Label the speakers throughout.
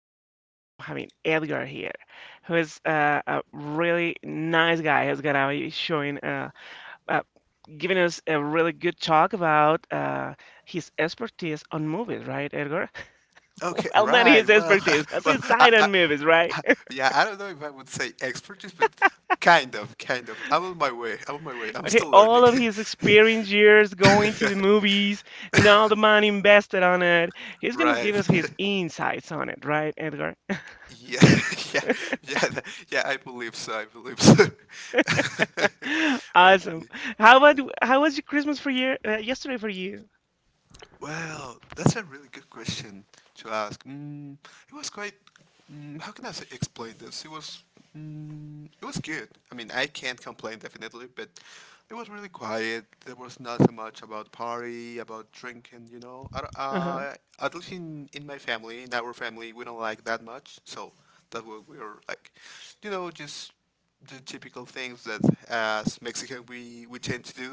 Speaker 1: us. I'm having Edgar here, who is a really nice guy who's gonna be showing, uh, giving us a really good talk about his expertise on movies, right, Edgar?
Speaker 2: Okay,
Speaker 1: Well, not
Speaker 2: right.
Speaker 1: his
Speaker 2: Well,
Speaker 1: expertise, his
Speaker 2: I,
Speaker 1: side
Speaker 2: I,
Speaker 1: on movies, right?
Speaker 2: yeah, I don't know if I would say expertise, but kind of, kind of. I'm on my way. I'm on my way. I'm
Speaker 1: Okay,
Speaker 2: still learning.
Speaker 1: all of his experience years going to the movies and all the money invested on it. He's gonna give
Speaker 2: Right.
Speaker 1: us his insights on it, right, Edgar?
Speaker 2: Yeah, yeah, yeah, yeah. I believe so. I believe so.
Speaker 1: Awesome.
Speaker 2: Okay.
Speaker 1: How about how was your Christmas for year yesterday for you?
Speaker 2: Well, that's a really good question to ask. It was quite. How can I say, explain this? It was. It was good. I mean, I can't complain definitely, but it was really quiet. There was not so much about party, about drinking. You know, I, don't-
Speaker 1: Uh-huh.
Speaker 2: At least in my family, in our family, we don't like that much. So that we were like, just the typical things that as Mexican we tend to do.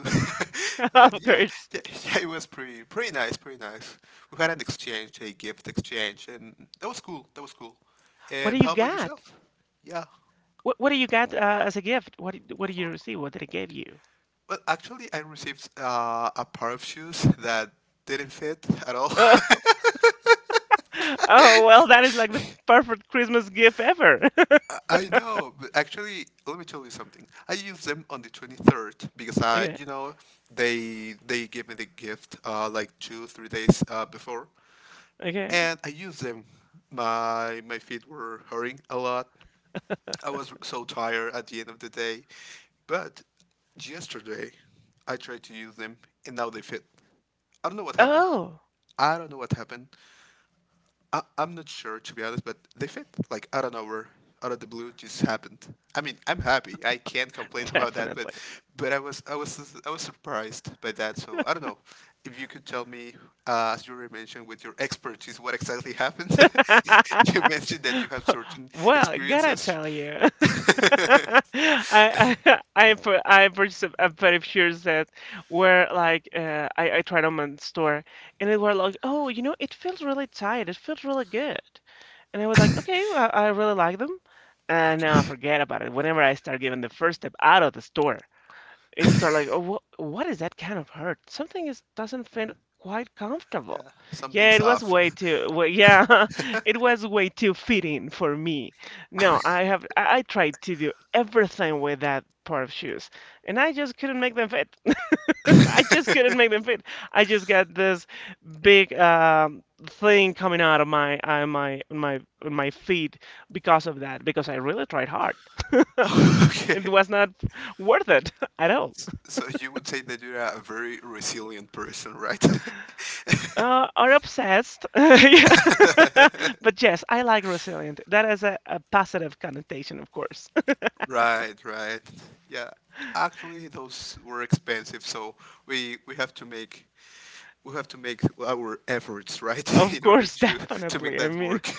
Speaker 2: And
Speaker 1: Of
Speaker 2: yeah,
Speaker 1: course.
Speaker 2: yeah, yeah, it was pretty nice, pretty nice. We had an exchange, a gift exchange, and that was cool. That was cool.
Speaker 1: What do
Speaker 2: And
Speaker 1: you
Speaker 2: how about
Speaker 1: got?
Speaker 2: yourself? Yeah.
Speaker 1: What do you got as a gift? What did you receive? What did it give you?
Speaker 2: Well, actually, I received a pair of shoes that didn't fit at all.
Speaker 1: Oh, oh well, that is like the perfect Christmas gift ever.
Speaker 2: I know, but actually, let me tell you something. I used them on the 23rd because
Speaker 1: Okay,
Speaker 2: they gave me the gift like 2, 3 days before.
Speaker 1: okay.
Speaker 2: And I used them. My feet were hurting a lot. I was so tired at the end of the day, but yesterday I tried to use them and now they fit. I don't know what happened.
Speaker 1: Oh,
Speaker 2: I don't know what happened, I'm not sure to be honest, but they fit like out of nowhere, out of the blue, just happened. I mean, I'm happy. I can't complain about that, but
Speaker 1: definitely.
Speaker 2: but I was surprised by that. So I don't know if you could tell me, as you already mentioned, with your expertise, what exactly happened. You mentioned that you have certain
Speaker 1: Well, gotta
Speaker 2: experiences.
Speaker 1: tell you. I purchased a pair of shoes that were like I tried them in store, and they were like, oh, you know, it feels really tight, it feels really good, and I was like, okay, well, I really like them, and now forget about it whenever I start giving the first step out of the store, it's are like, oh, what is that kind of hurt? Something is doesn't feel quite comfortable.
Speaker 2: Yeah,
Speaker 1: Yeah,
Speaker 2: something's
Speaker 1: it was
Speaker 2: off.
Speaker 1: yeah, it was way too fitting for me. No, I tried to do everything with that pair of shoes, and I just couldn't make them fit. I just couldn't make them fit. I just got this big thing coming out of my feet because of that, because I really tried hard. It
Speaker 2: Okay.
Speaker 1: was not worth it at all.
Speaker 2: So you would say that you're a very resilient person, right?
Speaker 1: Are obsessed. Yeah. But yes, I like resilient. That is a positive connotation, of course.
Speaker 2: Right, right. Yeah. Actually, those were expensive, so we we have to make we have to make our efforts, right,
Speaker 1: Of
Speaker 2: in order
Speaker 1: course,
Speaker 2: to make
Speaker 1: definitely. I
Speaker 2: that
Speaker 1: mean,
Speaker 2: work.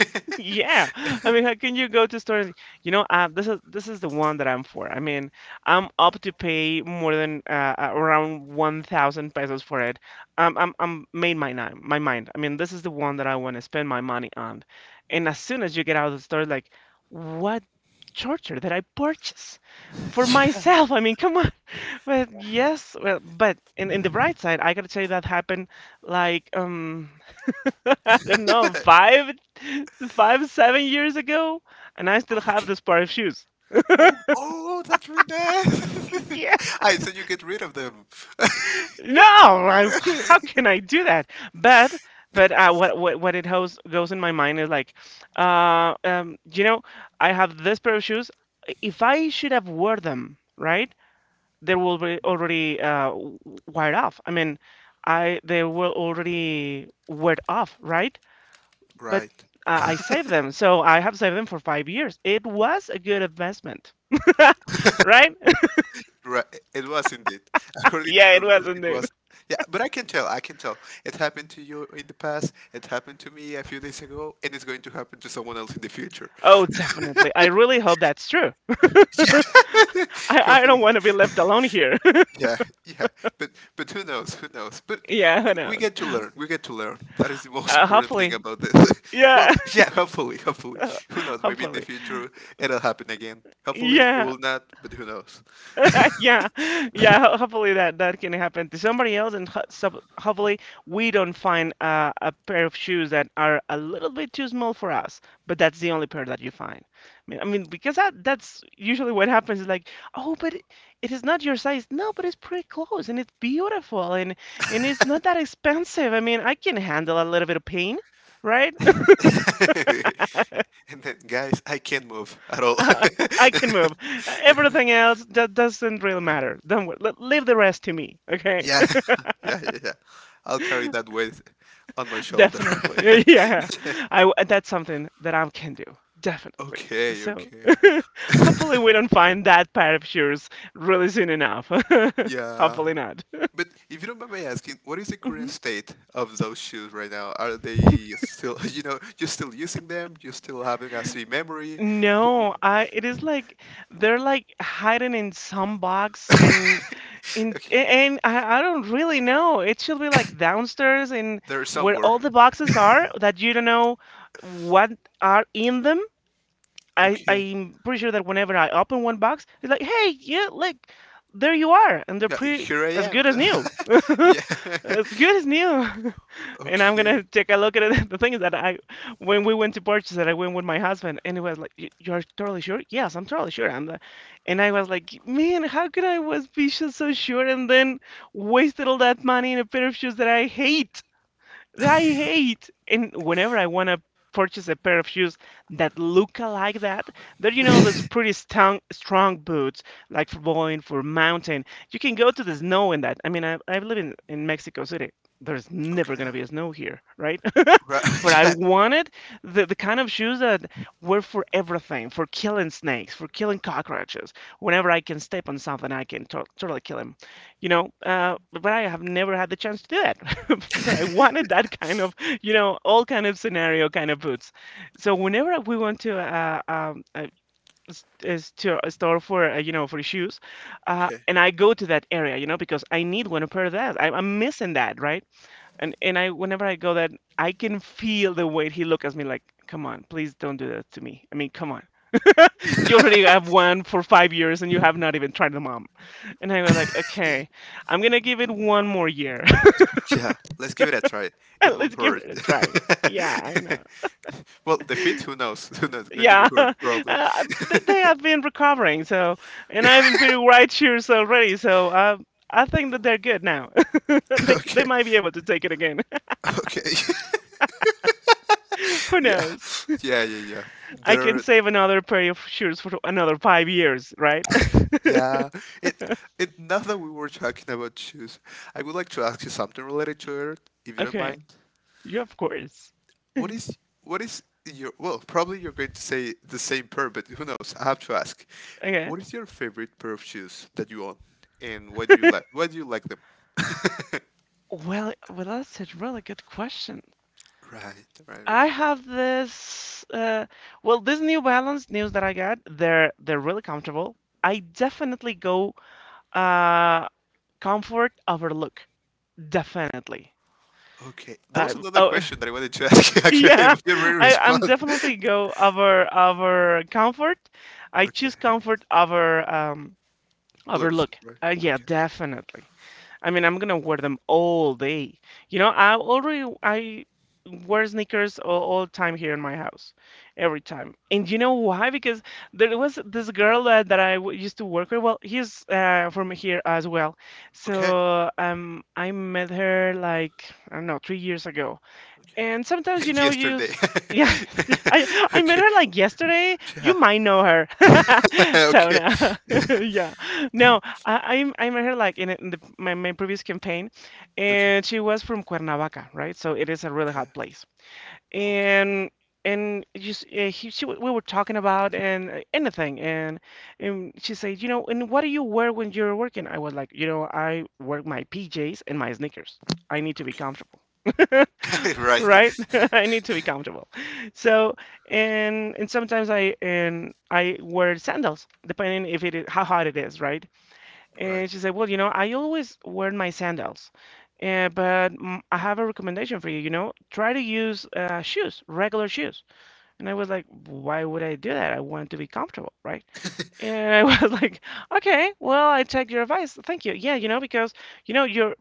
Speaker 1: yeah, I mean, how can you go to stores? You know, this is the one that I'm for. I mean, I'm up to pay more than around 1,000 pesos for it. I'm made my mind. I mean, this is the one that I want to spend my money on. And as soon as you get out of the store, like, what charger did I purchase for
Speaker 2: Yeah.
Speaker 1: myself? I mean, come on. But yes, well, but in the bright side, I gotta tell you that happened like I don't know, 7 years ago, and I still have
Speaker 2: Okay.
Speaker 1: this pair of shoes.
Speaker 2: Oh, that's really bad.
Speaker 1: Yeah,
Speaker 2: I thought you get rid of them.
Speaker 1: no, I, how can I do that? But, what it goes in my mind is like, you know, I have this pair of shoes. If I should have wore them, right, they will be already wired off. I mean, I they will already wear off, right? But
Speaker 2: Right.
Speaker 1: uh, I saved them, so I have saved them for 5 years. It was a good investment, right?
Speaker 2: Right. It was indeed. According to
Speaker 1: Yeah,
Speaker 2: your
Speaker 1: it was
Speaker 2: word, it
Speaker 1: indeed.
Speaker 2: was. Yeah, but I can tell. I can tell. It happened to you in the past. It happened to me a few days ago, and it's going to happen to someone else in the future.
Speaker 1: Oh, definitely. I really hope that's true. I
Speaker 2: Hopefully.
Speaker 1: don't want to be left alone here.
Speaker 2: Yeah, yeah, but but who knows? Who knows? But
Speaker 1: Yeah, who
Speaker 2: we
Speaker 1: knows?
Speaker 2: get to learn. We get to learn. That is the most important thing
Speaker 1: Hopefully.
Speaker 2: about this. Well,
Speaker 1: Yeah,
Speaker 2: yeah, hopefully, hopefully. Who knows? Maybe in the
Speaker 1: hopefully.
Speaker 2: future it'll happen again. Hopefully it
Speaker 1: Yeah,
Speaker 2: will not, but who knows?
Speaker 1: yeah, yeah. Hopefully that can happen to somebody else, and ho- sub hopefully we don't find a pair of shoes that are a little bit too small for us. But that's the only pair that you find. I mean, because that's usually what happens. Is like, oh, but it is not your size. No, but it's pretty close, and it's beautiful, and it's not that expensive. I mean, I can handle a little bit of pain, right?
Speaker 2: And then, guys, I can't move at all.
Speaker 1: Uh, I can move. Everything else that doesn't really matter. Don't wor- le- Leave the rest to me, okay?
Speaker 2: Yeah, yeah, yeah, yeah. I'll carry that weight on my shoulder.
Speaker 1: Definitely. Yeah. That's something that I can do. Definitely.
Speaker 2: Okay,
Speaker 1: So
Speaker 2: okay.
Speaker 1: hopefully we don't find that pair of shoes really soon enough.
Speaker 2: Yeah.
Speaker 1: Hopefully not.
Speaker 2: But if you don't mind me asking, what is the current
Speaker 1: Mhm.
Speaker 2: state of those shoes right now? Are they still, you're still using them? You're still having a three memory?
Speaker 1: No, I it is like they're like hiding in some box in
Speaker 2: Okay,
Speaker 1: and I don't really know. It should be like downstairs in
Speaker 2: they're
Speaker 1: where all
Speaker 2: somewhere.
Speaker 1: the boxes are that you don't know what are in them.
Speaker 2: Okay.
Speaker 1: I'm pretty sure that whenever I open one box, it's like, hey, yeah, like there you are, and they're
Speaker 2: Yeah,
Speaker 1: pretty
Speaker 2: here I
Speaker 1: as
Speaker 2: am.
Speaker 1: good as new,
Speaker 2: Yeah.
Speaker 1: as good as new. And I'm
Speaker 2: Okay.
Speaker 1: gonna take a look at it. The thing is that when we went to purchase it, I went with my husband, and it was like, You're totally sure? Yes, I'm totally sure. I'm the," and I was like, man, how could I was be so sure and then wasted all that money in a pair of shoes that I hate? That I hate. And whenever I want to purchase a pair of shoes that look like that, there, you know, those pretty strong, strong boots, like for going for mountain. You can go to the snow in that. I mean, I live in Mexico City. There's never
Speaker 2: Okay.
Speaker 1: gonna be a snow here, right?
Speaker 2: Right.
Speaker 1: But I
Speaker 2: Yeah.
Speaker 1: wanted the kind of shoes that were for everything, for killing snakes, for killing cockroaches. Whenever I can step on something, I can totally kill 'em, but I have never had the chance to do that. But I wanted that kind of, you know, all kind of scenario kind of boots, so whenever we went to a store for you know, for shoes,
Speaker 2: Okay.
Speaker 1: and I go to that area, you know, because I need one pair of that. I'm missing that, right? And I whenever I go that I can feel the way he look at me, like, come on, please don't do that to me, I mean, come on, you already have one for 5 years, and you have not even tried them out. And I was like, okay, I'm gonna give it one more year.
Speaker 2: Yeah. Let's give it a try. It
Speaker 1: Let's
Speaker 2: won't
Speaker 1: give
Speaker 2: hurt.
Speaker 1: it a try. Yeah, I know.
Speaker 2: Well, the fit. Who knows? Who knows? Going to be
Speaker 1: Yeah,
Speaker 2: hurt, probably.
Speaker 1: they have been recovering, so, and I've been pretty white cheers already, so I think that they're good now. They
Speaker 2: Okay.
Speaker 1: might be able to take it again.
Speaker 2: Okay.
Speaker 1: Who
Speaker 2: Yeah.
Speaker 1: knows?
Speaker 2: Yeah. Yeah. Yeah.
Speaker 1: I can
Speaker 2: There.
Speaker 1: save another pair of shoes for another 5 years, right?
Speaker 2: Yeah, it it now that we were talking about shoes, I would like to ask you something related to it, if you don't
Speaker 1: Okay,
Speaker 2: mind.
Speaker 1: yeah, of course.
Speaker 2: What is what is your well, probably you're going to say the same pair, but who knows? I have to ask.
Speaker 1: Okay.
Speaker 2: What is your favorite pair of shoes that you own, and why do you like them?
Speaker 1: Well, that's a really good question.
Speaker 2: Right, right, right,
Speaker 1: I
Speaker 2: right.
Speaker 1: have this. Well, this New Balance news that I got, they're really comfortable. I definitely go uh, comfort over look, definitely.
Speaker 2: Okay, that was another
Speaker 1: Oh,
Speaker 2: question that I wanted to ask you actually,
Speaker 1: yeah,
Speaker 2: but you already
Speaker 1: I'm
Speaker 2: respond.
Speaker 1: definitely go over comfort. I
Speaker 2: Okay,
Speaker 1: choose comfort over
Speaker 2: looks
Speaker 1: overlook.
Speaker 2: right.
Speaker 1: Yeah,
Speaker 2: Okay,
Speaker 1: definitely. I mean, I'm gonna wear them all day. You know, I wear sneakers all the time here in my house, every time. And you know why? Because there was this girl that I w used to work with. Well, he's from here as well.
Speaker 2: okay,
Speaker 1: So I met her like, I don't know, 3 years ago. And sometimes,
Speaker 2: okay.
Speaker 1: you know, you
Speaker 2: Yesterday.
Speaker 1: s yeah, I I met
Speaker 2: Okay.
Speaker 1: her like yesterday.
Speaker 2: Yeah.
Speaker 1: You might know her. So
Speaker 2: Okay.
Speaker 1: no, yeah, no, I met her like in my previous campaign,
Speaker 2: Okay.
Speaker 1: and she was from Cuernavaca, right? So it is a really
Speaker 2: Okay.
Speaker 1: hot place. And and just we were talking about and anything, and she said, you know, and what do you wear when you're working? I was like, you know, I work my PJs and my sneakers. I need to be
Speaker 2: Okay.
Speaker 1: comfortable.
Speaker 2: Okay. Right.
Speaker 1: Right? I need to be comfortable. So, and sometimes I wear sandals, depending if it is, how hot it is, right?
Speaker 2: Right.
Speaker 1: And she said, well, you know, I always wear my sandals, but I have a recommendation for you. You know, try to use shoes, regular shoes. And I was like, why would I do that? I want to be comfortable, right? And I was like, okay, well, I take your advice. Thank you. Yeah, you know, because you know your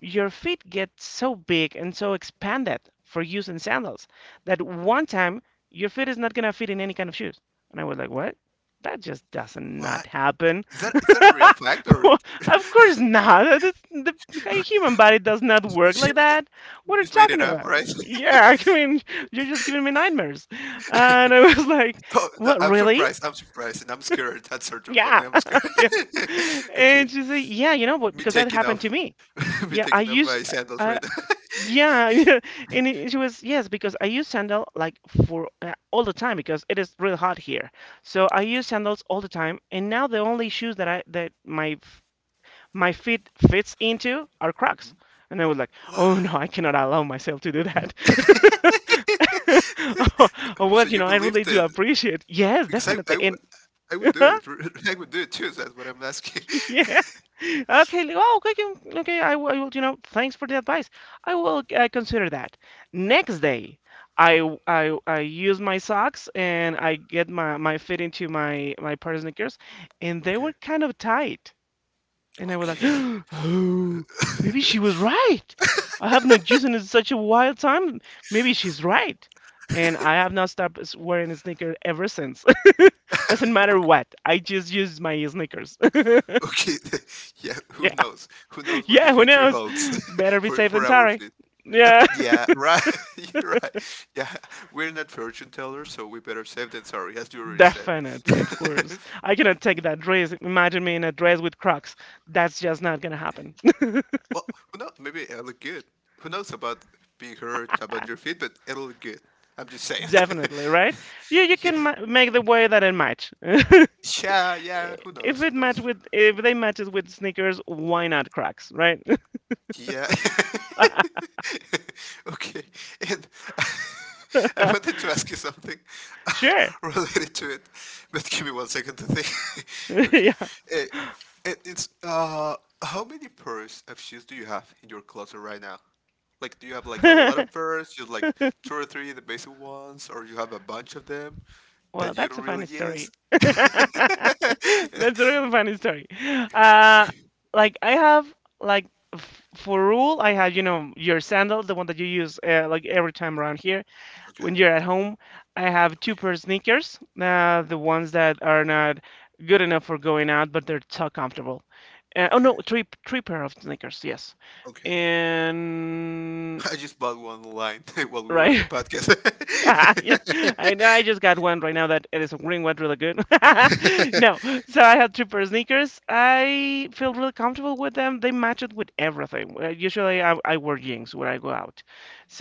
Speaker 1: feet get so big and so expanded for using sandals that one time your feet is not gonna fit in any kind of shoes. And I was like, what? That just doesn't not
Speaker 2: What?
Speaker 1: happen.
Speaker 2: Is that a real fact or
Speaker 1: Well, of course not. This, the human body does not work
Speaker 2: she
Speaker 1: like that. What are you
Speaker 2: just made
Speaker 1: talking
Speaker 2: it up,
Speaker 1: about?
Speaker 2: right?
Speaker 1: Yeah, I mean, you're just giving me nightmares. And I was like,
Speaker 2: Oh, no,
Speaker 1: what,
Speaker 2: I'm
Speaker 1: really?
Speaker 2: surprised. I'm surprised, and I'm scared at certain point.
Speaker 1: Yeah.
Speaker 2: I'm scared.
Speaker 1: Yeah.
Speaker 2: Okay,
Speaker 1: And she's like, yeah, you know what?
Speaker 2: me
Speaker 1: Because that
Speaker 2: taking
Speaker 1: happened to
Speaker 2: off,
Speaker 1: me.
Speaker 2: me
Speaker 1: Yeah, I
Speaker 2: taking off
Speaker 1: use,
Speaker 2: my sandals
Speaker 1: uh,
Speaker 2: right now.
Speaker 1: yeah. Yeah. She was, yes, because I use sandal like for all the time because it is real hot here. So I use sandals all the time. And now the only shoes that I, that my, f- my feet fits into are Crocs. And I was like, oh
Speaker 2: What?
Speaker 1: no, I cannot allow myself to do that. Oh, well,
Speaker 2: So
Speaker 1: you
Speaker 2: you
Speaker 1: know, I really
Speaker 2: believed
Speaker 1: do
Speaker 2: it
Speaker 1: appreciate. Yes,
Speaker 2: because I, I,
Speaker 1: definitely.
Speaker 2: w-
Speaker 1: And
Speaker 2: I would do it. I would do it too. That's what I'm asking.
Speaker 1: yeah. Oh, okay. Okay. Okay, I will, you know, thanks for the advice. I will consider that. Next day, I use my socks and I get my fit into my pair of sneakers, and they
Speaker 2: Okay.
Speaker 1: were kind of tight. And I was like,
Speaker 2: Okay.
Speaker 1: oh, maybe she was right. I have not used it in such a wild time. Maybe she's right. And I have not stopped wearing a sneaker ever since. Doesn't matter
Speaker 2: Okay.
Speaker 1: what. I just use my sneakers.
Speaker 2: Okay, yeah, who knows? Who knows what the
Speaker 1: Yeah, who
Speaker 2: future
Speaker 1: knows?
Speaker 2: holds
Speaker 1: Better be
Speaker 2: for
Speaker 1: safe
Speaker 2: for
Speaker 1: than
Speaker 2: our
Speaker 1: sorry.
Speaker 2: feet?
Speaker 1: Yeah,
Speaker 2: Yeah, right. You're right. Yeah, we're not fortune tellers, so we better safe than sorry, as you already said.
Speaker 1: definitely, of course. I cannot take that dress. Imagine me in a dress with Crocs. That's just not gonna happen.
Speaker 2: Well, who knows? Maybe it'll look good. Who knows about being hurt about your feet, but it'll look good. I'm just saying.
Speaker 1: Definitely, right? You
Speaker 2: Yeah,
Speaker 1: can ma make the way that it match.
Speaker 2: yeah, yeah. Who
Speaker 1: If
Speaker 2: knows? Who
Speaker 1: it match
Speaker 2: knows?
Speaker 1: with if they matches with sneakers, why not Crocs, right?
Speaker 2: Yeah. Okay. And I wanted to ask you something
Speaker 1: Sure.
Speaker 2: related to it, but give me one second to think. Okay. Eh, and it's how many pairs of shoes do you have in your closet right now? Like do you have like a
Speaker 1: Yeah.
Speaker 2: lot of pairs, you like two or three the basic ones, or you have a bunch of them
Speaker 1: Well,
Speaker 2: that you
Speaker 1: that's
Speaker 2: don't
Speaker 1: a funny
Speaker 2: really use?
Speaker 1: story. That's a really funny story. Uh, like I have, like, f for rule, I have, you know, your sandals, the one that you use like every time around here
Speaker 2: Okay.
Speaker 1: when you're at home. I have two
Speaker 2: Okay.
Speaker 1: pair of sneakers, the ones that are not good enough for going out, but they're so comfortable. Oh
Speaker 2: Okay.
Speaker 1: no, three pair of sneakers, yes,
Speaker 2: Okay.
Speaker 1: and
Speaker 2: I just bought one line while we were on the
Speaker 1: right.
Speaker 2: podcast.
Speaker 1: Yeah, I know I just got one right now that it is a green one really good. No, so I have two pair of sneakers. I feel really comfortable with them. They match it with everything. Usually I wear jeans when I go out.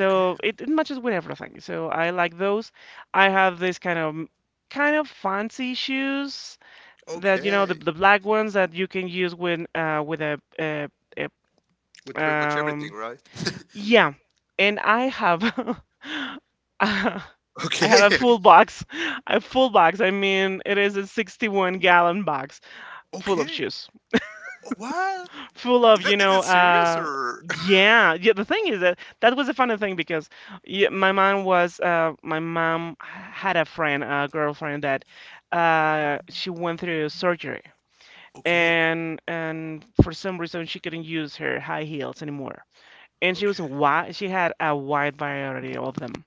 Speaker 2: Okay.
Speaker 1: it matches with everything. So I like those. I have this kind of fancy shoes that you know
Speaker 2: Okay.
Speaker 1: the black ones that you can use with a,
Speaker 2: With
Speaker 1: a
Speaker 2: pretty much everything,
Speaker 1: um
Speaker 2: right?
Speaker 1: yeah. And I have I
Speaker 2: Okay.
Speaker 1: have a
Speaker 2: Okay.
Speaker 1: full box. A full box. I mean, it is a 61-gallon box full of
Speaker 2: Okay.
Speaker 1: shoes,
Speaker 2: Oh, what?
Speaker 1: full of,
Speaker 2: Is
Speaker 1: you
Speaker 2: that is
Speaker 1: know,
Speaker 2: that serious or?
Speaker 1: yeah, The thing is that that was a funny thing because yeah, my mom had a friend, a girlfriend that she went through surgery,
Speaker 2: Okay.
Speaker 1: and for some reason she couldn't use her high heels anymore. And
Speaker 2: Okay.
Speaker 1: she had a wide variety of them.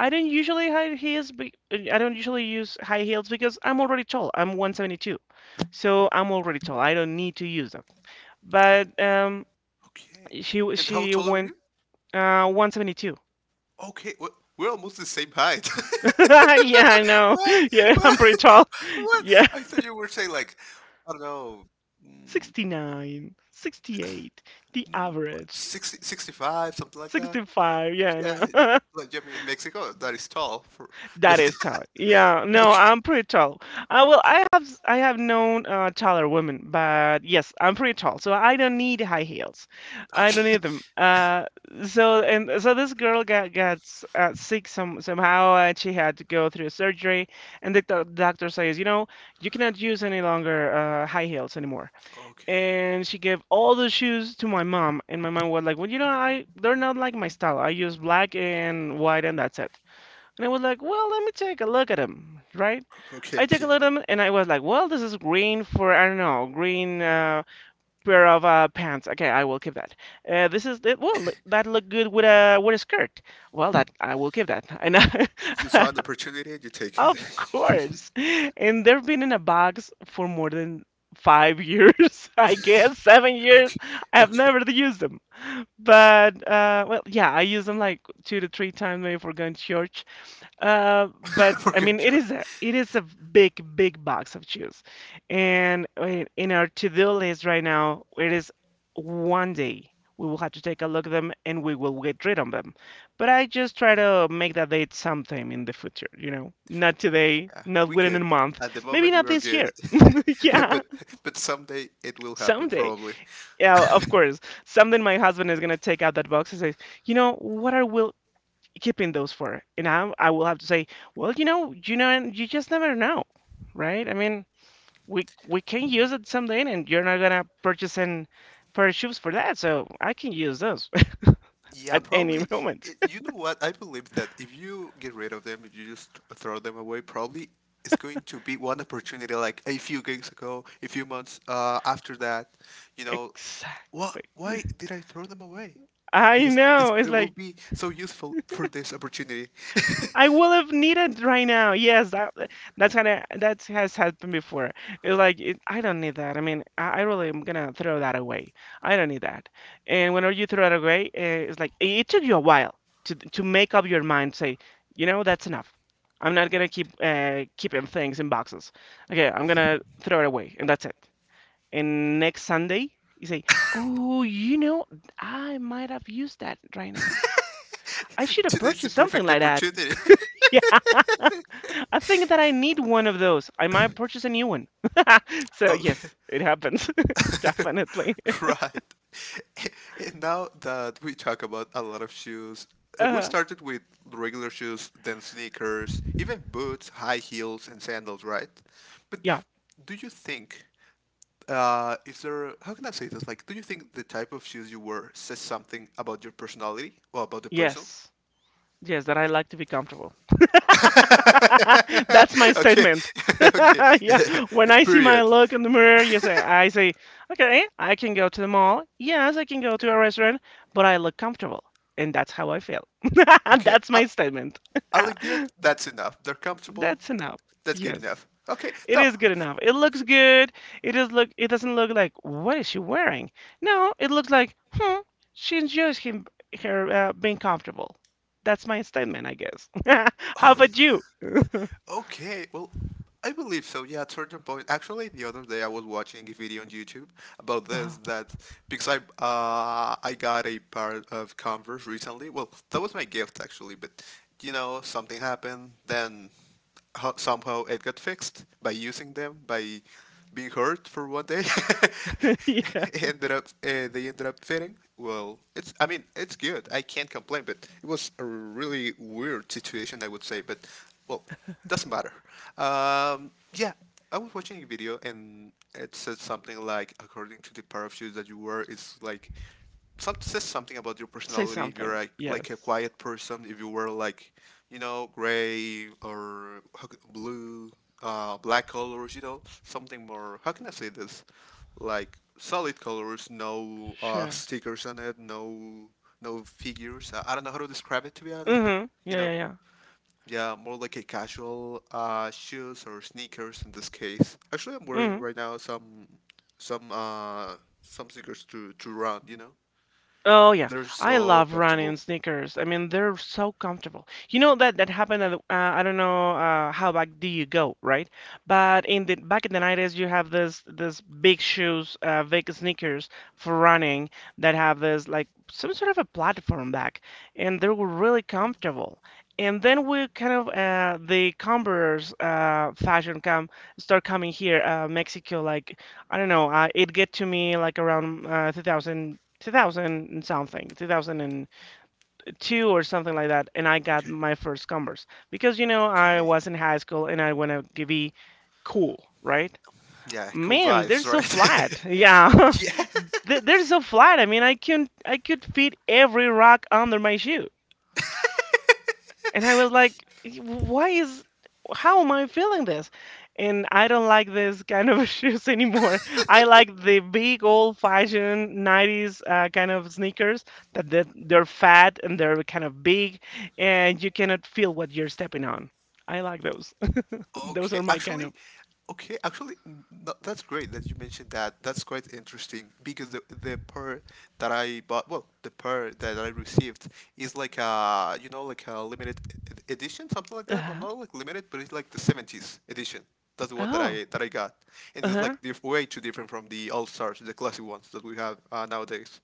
Speaker 1: I don't usually use high heels because I'm already tall. I'm 172, so I'm already tall. I don't need to use them. But
Speaker 2: Okay. And how
Speaker 1: she
Speaker 2: tall are
Speaker 1: went
Speaker 2: you?
Speaker 1: 172.
Speaker 2: Okay. We're almost the same height.
Speaker 1: Yeah, I know.
Speaker 2: What?
Speaker 1: Yeah, I'm
Speaker 2: What?
Speaker 1: pretty tall.
Speaker 2: What?
Speaker 1: Yeah,
Speaker 2: I thought you were saying like I don't know. mm,
Speaker 1: 69, 68, the
Speaker 2: mm,
Speaker 1: average,
Speaker 2: 60, 65, something like that.
Speaker 1: 65. Yeah, I
Speaker 2: Yeah,
Speaker 1: know.
Speaker 2: like yeah, I mean, in Mexico, that is tall for. But
Speaker 1: That is tall. Yeah, no,
Speaker 2: okay,
Speaker 1: I'm pretty tall. Well, I have known taller women, but yes, I'm pretty tall, so I don't need high heels. I don't
Speaker 2: okay,
Speaker 1: need them. And so this girl got sick somehow, and she had to go through surgery. And the doctor says, you know, you cannot use any longer high heels anymore.
Speaker 2: okay,
Speaker 1: And she gave all the shoes to my mom, and my mom was like, well, you know, I they're not like my style. I use black and white, and that's it. And I was like, well, let me take a look at them, right?
Speaker 2: okay.
Speaker 1: I take a
Speaker 2: You
Speaker 1: look at them and I was like, well, this is green for, I don't know, green pair of pants. Okay, I will keep that. Well, that looked good with with a skirt. Well, that I will keep that. And I,
Speaker 2: you saw an opportunity, you take
Speaker 1: of
Speaker 2: it.
Speaker 1: course. And they've been in a box for more than 5 years, I guess, seven years.
Speaker 2: Okay,
Speaker 1: I've
Speaker 2: okay.
Speaker 1: never used them. But well, yeah, I use them like two to three times maybe for going to church. But
Speaker 2: We're
Speaker 1: I
Speaker 2: good.
Speaker 1: mean,
Speaker 2: Joke.
Speaker 1: it is a big, big box of shoes, and in our to-do list right now, it is one day we will have to take a look at them and we will get rid of them. But I just try
Speaker 2: Yeah,
Speaker 1: to make that date sometime in the future, you know, not today,
Speaker 2: yeah,
Speaker 1: not
Speaker 2: we
Speaker 1: within a
Speaker 2: good.
Speaker 1: month,
Speaker 2: At the
Speaker 1: maybe
Speaker 2: moment,
Speaker 1: not
Speaker 2: we are
Speaker 1: this
Speaker 2: good,
Speaker 1: year. Yeah,
Speaker 2: but but someday it will happen,
Speaker 1: someday.
Speaker 2: probably.
Speaker 1: Yeah, of course. Someday my husband is gonna take out that box and say, you know, what are we keeping those for. I will have to say, well, you know, and you just never know, right? I mean, we can use it someday, and you're not gonna purchase an pair of shoes for that, so I can use those
Speaker 2: Yeah,
Speaker 1: at any
Speaker 2: probably.
Speaker 1: moment.
Speaker 2: You know what? I believe that if you get rid of them, if you just throw them away, probably it's going to be one opportunity like a few gigs ago, a few months after that. You know, what?
Speaker 1: Exactly.
Speaker 2: Why did I throw them away?
Speaker 1: I
Speaker 2: Because it's,
Speaker 1: know. It's
Speaker 2: it will
Speaker 1: like
Speaker 2: be so useful for this opportunity.
Speaker 1: I will have needed right now. Yes, that that's kind of that has happened before. It's like I don't need that. I mean, I really am gonna throw that away. I don't need that. And whenever you throw it away, it's like it took you a while to make up your mind. Say, you know, that's enough. I'm not gonna keep keeping things in boxes. Okay, I'm gonna throw it away, and that's it. And next Sunday, you say, oh, you know, I might have used that right now. I should have
Speaker 2: Today's the
Speaker 1: purchased something
Speaker 2: perfect
Speaker 1: like that.
Speaker 2: opportunity.
Speaker 1: Yeah. I think that I need one of those. I might purchase a new one. So
Speaker 2: Oh,
Speaker 1: yes, it happens. Definitely.
Speaker 2: right. And now that we talk about a lot of shoes, we
Speaker 1: Uh,
Speaker 2: started with regular shoes, then sneakers, even boots, high heels, and sandals, right? But
Speaker 1: yeah.
Speaker 2: do you think, is there, how can I say this? Like, do you think the type of shoes you wear says something about your personality or about the person?
Speaker 1: Yes. Yes, that I like to be comfortable. That's my
Speaker 2: Okay,
Speaker 1: statement.
Speaker 2: okay,
Speaker 1: Yeah. When I see my
Speaker 2: period.
Speaker 1: look in the mirror, you say I say, okay, I can go to the mall. Yes, I can go to a restaurant, but I look comfortable. And that's how I feel.
Speaker 2: Okay,
Speaker 1: That's
Speaker 2: I,
Speaker 1: my statement.
Speaker 2: I'll get that's enough. They're comfortable.
Speaker 1: That's enough.
Speaker 2: That's good
Speaker 1: Yes.
Speaker 2: enough. Okay,
Speaker 1: It
Speaker 2: no,
Speaker 1: is good enough. It looks good. It is look. It doesn't look like what is she wearing? No, it looks like hmm. She enjoys him her being comfortable. That's my statement, I guess. How about you?
Speaker 2: okay, well, I believe so. Yeah, at certain point. Actually, the other day I was watching a video on YouTube about this that because I got a pair of Converse recently. Well, that was my gift actually, but you know something happened. Then somehow it got fixed by using them by being hurt for one day.
Speaker 1: Yeah.
Speaker 2: it ended up They ended up fitting. Well, it's I mean it's good. I can't complain, but it was a really weird situation I would say. But well doesn't matter. Yeah, I was watching a video and it said something like, according to the pair of shoes that you wear, it's like some says something about your
Speaker 1: Say
Speaker 2: personality. If you're
Speaker 1: something.
Speaker 2: like a
Speaker 1: Yes.
Speaker 2: quiet person, if you wear like, gray or blue, black colors, something more. How can I say this? Like solid colors, no
Speaker 1: Sure.
Speaker 2: stickers on it, no figures. I don't know how to describe it to be honest, but
Speaker 1: Mhm.
Speaker 2: you
Speaker 1: Yeah, yeah,
Speaker 2: know.
Speaker 1: yeah.
Speaker 2: Yeah, more like a casual shoes or sneakers in this case. Actually, I'm wearing
Speaker 1: Mm-hmm.
Speaker 2: right now some uh some sneakers to run.
Speaker 1: Oh yeah,
Speaker 2: They're
Speaker 1: I
Speaker 2: so
Speaker 1: love running
Speaker 2: comfortable.
Speaker 1: sneakers. I mean, they're so comfortable. You know that that happened at, I don't know how back do you go, right? But in the 90s, you have this big shoes, big sneakers for running that have this like some sort of a platform back, and they were really comfortable. And then we kind of the Converse fashion come start coming here, Mexico like. I don't know. It get to me like around 2000, and something, 2002 or something like that, and I got
Speaker 2: Okay.
Speaker 1: my first Converse because you know I
Speaker 2: Okay.
Speaker 1: was in high school and I wanna be cool, right?
Speaker 2: Yeah, cool
Speaker 1: Man, they're
Speaker 2: vibes,
Speaker 1: so flat.
Speaker 2: right?
Speaker 1: Yeah,
Speaker 2: Yeah.
Speaker 1: They- they're so flat. I mean, I could fit every rock under my shoe. And I was like, why is, how am I feeling this? And I don't like this kind of shoes anymore. I like the big old-fashioned 90s kind of sneakers that they're fat and they're kind of big and you cannot feel what you're stepping on. I like those. Those
Speaker 2: Okay,
Speaker 1: are my kind of,
Speaker 2: actually, okay, actually, no, that's great that you mentioned that. That's quite interesting because the pair that I bought, well, the pair that I received is like a like a limited edition, something like that. Well,
Speaker 1: uh-huh.
Speaker 2: not like limited, but it's like the 70s edition. That's the one that I
Speaker 1: Oh,
Speaker 2: that I got, and it's
Speaker 1: uh-huh.
Speaker 2: like way too different from the All Stars, the classic ones that we have nowadays.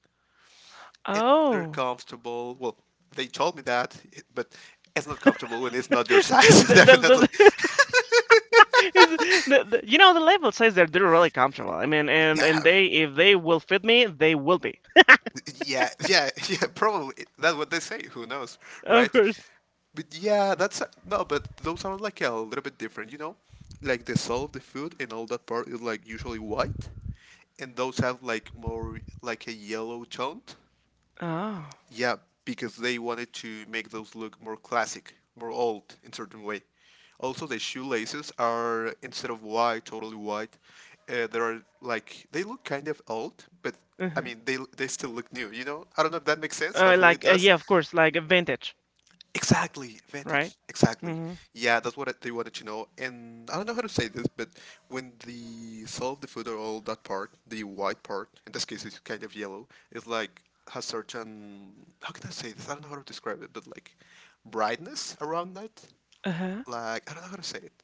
Speaker 2: And they're
Speaker 1: Oh.
Speaker 2: comfortable. Well, they told me that, but it's not comfortable when it's not your size,
Speaker 1: The, the,
Speaker 2: definitely.
Speaker 1: the, is the, you know the label says that they're really comfortable. I mean, and
Speaker 2: Yeah,
Speaker 1: they if they will fit me, they will be.
Speaker 2: yeah, yeah, yeah, probably. That's what they say. Who knows,
Speaker 1: Of
Speaker 2: right?
Speaker 1: course.
Speaker 2: But yeah, that's no, but those are like a little bit different, you know? Like the soul of the food and all that part is like usually white, and those have like more like a yellow tone.
Speaker 1: Oh.
Speaker 2: Yeah, because they wanted to make those look more classic, more old in certain way. Also, the shoelaces are instead of white, totally white. They are like they look kind of old, but I
Speaker 1: Uh-huh.
Speaker 2: mean they still look new. You know, I don't know if that makes sense. Hopefully, it
Speaker 1: Like
Speaker 2: does.
Speaker 1: yeah, of course, like a vintage,
Speaker 2: Exactly,
Speaker 1: right?
Speaker 2: vintage. Exactly.
Speaker 1: Mm-hmm.
Speaker 2: Yeah, that's what they wanted to know. And I don't know how to say this, but when they sell the food or all that part, the white part, in this case, it's kind of yellow. It's like has certain how can I say this? I don't know how to describe it, but like brightness around that.
Speaker 1: Uh-huh.
Speaker 2: Like I don't know how to say it.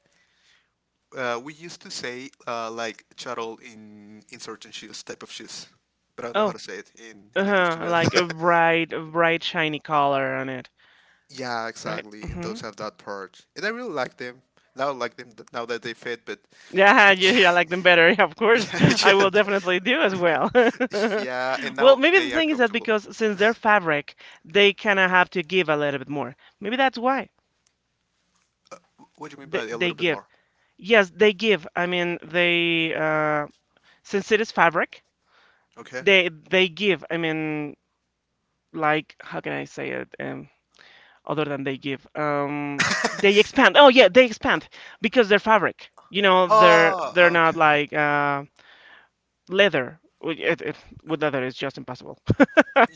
Speaker 2: We used to say like chattel in certain shoes, type of shoes, but I don't know how
Speaker 1: Oh.
Speaker 2: to say it in English too
Speaker 1: Uh-huh.
Speaker 2: well.
Speaker 1: Like a bright shiny color on it,
Speaker 2: Yeah,
Speaker 1: right?
Speaker 2: exactly. And
Speaker 1: Mm-hmm.
Speaker 2: those have that part, and I really like them. Now I like them now that they fit, but
Speaker 1: Yeah, yeah,
Speaker 2: yeah,
Speaker 1: yeah, I like them better. Yeah, of
Speaker 2: yeah,
Speaker 1: course. I
Speaker 2: yeah,
Speaker 1: will definitely do as well.
Speaker 2: yeah, and
Speaker 1: Well,
Speaker 2: now
Speaker 1: maybe the
Speaker 2: they are
Speaker 1: thing is that
Speaker 2: comfortable.
Speaker 1: because since they're fabric, they kind of have to give a little bit more. Maybe that's why
Speaker 2: What do you mean by a
Speaker 1: they
Speaker 2: little bit
Speaker 1: give.
Speaker 2: more?
Speaker 1: Yes, they give. I mean, they since it is fabric,
Speaker 2: Okay.
Speaker 1: they give. I mean, like, how can I say it, other than they give? They expand. Oh yeah, they expand because they're fabric. They're
Speaker 2: Oh,
Speaker 1: not
Speaker 2: okay.
Speaker 1: like leather. With leather it's just impossible.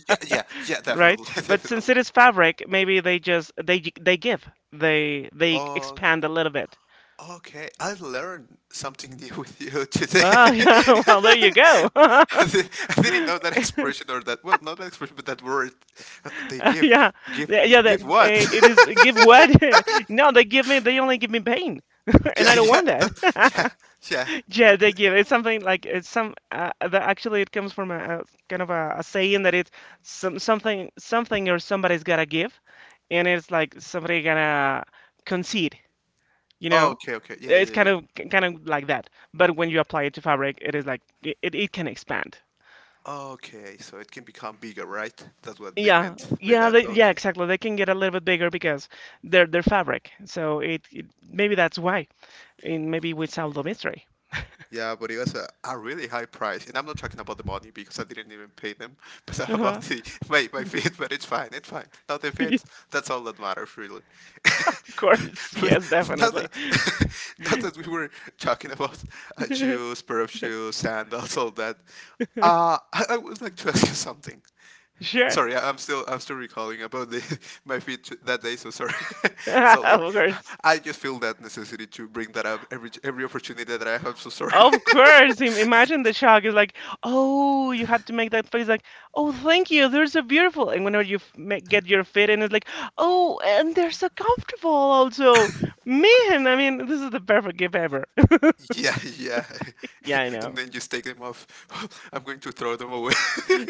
Speaker 2: Yeah, yeah, yeah,
Speaker 1: Right,
Speaker 2: definitely,
Speaker 1: but since
Speaker 2: definitely.
Speaker 1: it is fabric, maybe they give. They
Speaker 2: Okay,
Speaker 1: expand a little bit.
Speaker 2: okay. I learned something new with you today.
Speaker 1: Well, yeah, well, there you go.
Speaker 2: I di- I didn't know that expression or that, well, not that expression, but that word. They give,
Speaker 1: Yeah,
Speaker 2: give,
Speaker 1: yeah, yeah, that
Speaker 2: give what?
Speaker 1: it is, give what? No, they only give me pain. And
Speaker 2: Yeah,
Speaker 1: I don't
Speaker 2: yeah,
Speaker 1: want
Speaker 2: that, yeah,
Speaker 1: that.
Speaker 2: yeah.
Speaker 1: Yeah, they give. It's something like it's some. Actually, it comes from a kind of a saying that it's something, something, or somebody's gotta give, and it's like somebody gonna concede. You
Speaker 2: Oh,
Speaker 1: know,
Speaker 2: okay, okay. Yeah,
Speaker 1: it's
Speaker 2: yeah,
Speaker 1: kind
Speaker 2: yeah.
Speaker 1: of like that. But when you apply it to fabric, it is like it can expand.
Speaker 2: Okay, so it can become bigger, right? That's what they
Speaker 1: Yeah,
Speaker 2: meant by
Speaker 1: yeah,
Speaker 2: that.
Speaker 1: yeah,
Speaker 2: Okay.
Speaker 1: exactly. They can get a little bit bigger because they're fabric. So it, maybe that's why, and maybe we solve the mystery.
Speaker 2: Yeah, but it was a really high price. And I'm not talking about the money because I didn't even pay them, but about the my feet, but it's fine, it's fine. Now the fit, that's all that matters really.
Speaker 1: Of course,
Speaker 2: But
Speaker 1: yes,
Speaker 2: now
Speaker 1: definitely.
Speaker 2: that now that we were talking about shoes, pair of shoes, sandals, all that, I would like to ask you something.
Speaker 1: Sure.
Speaker 2: Sorry, I'm still recalling about the my feet that day. So sorry,
Speaker 1: Of
Speaker 2: sorry.
Speaker 1: course.
Speaker 2: I just feel that necessity to bring that up every opportunity that I have. So sorry.
Speaker 1: Of course. Imagine the shock is like, oh, you have to make that face like, oh, thank you, they're so beautiful. And whenever you get your fit in, it's like, oh, and they're so comfortable also. Man, I mean, this is the perfect gift ever.
Speaker 2: Yeah, yeah.
Speaker 1: Yeah, I know.
Speaker 2: And then just take them off. I'm going to throw them away.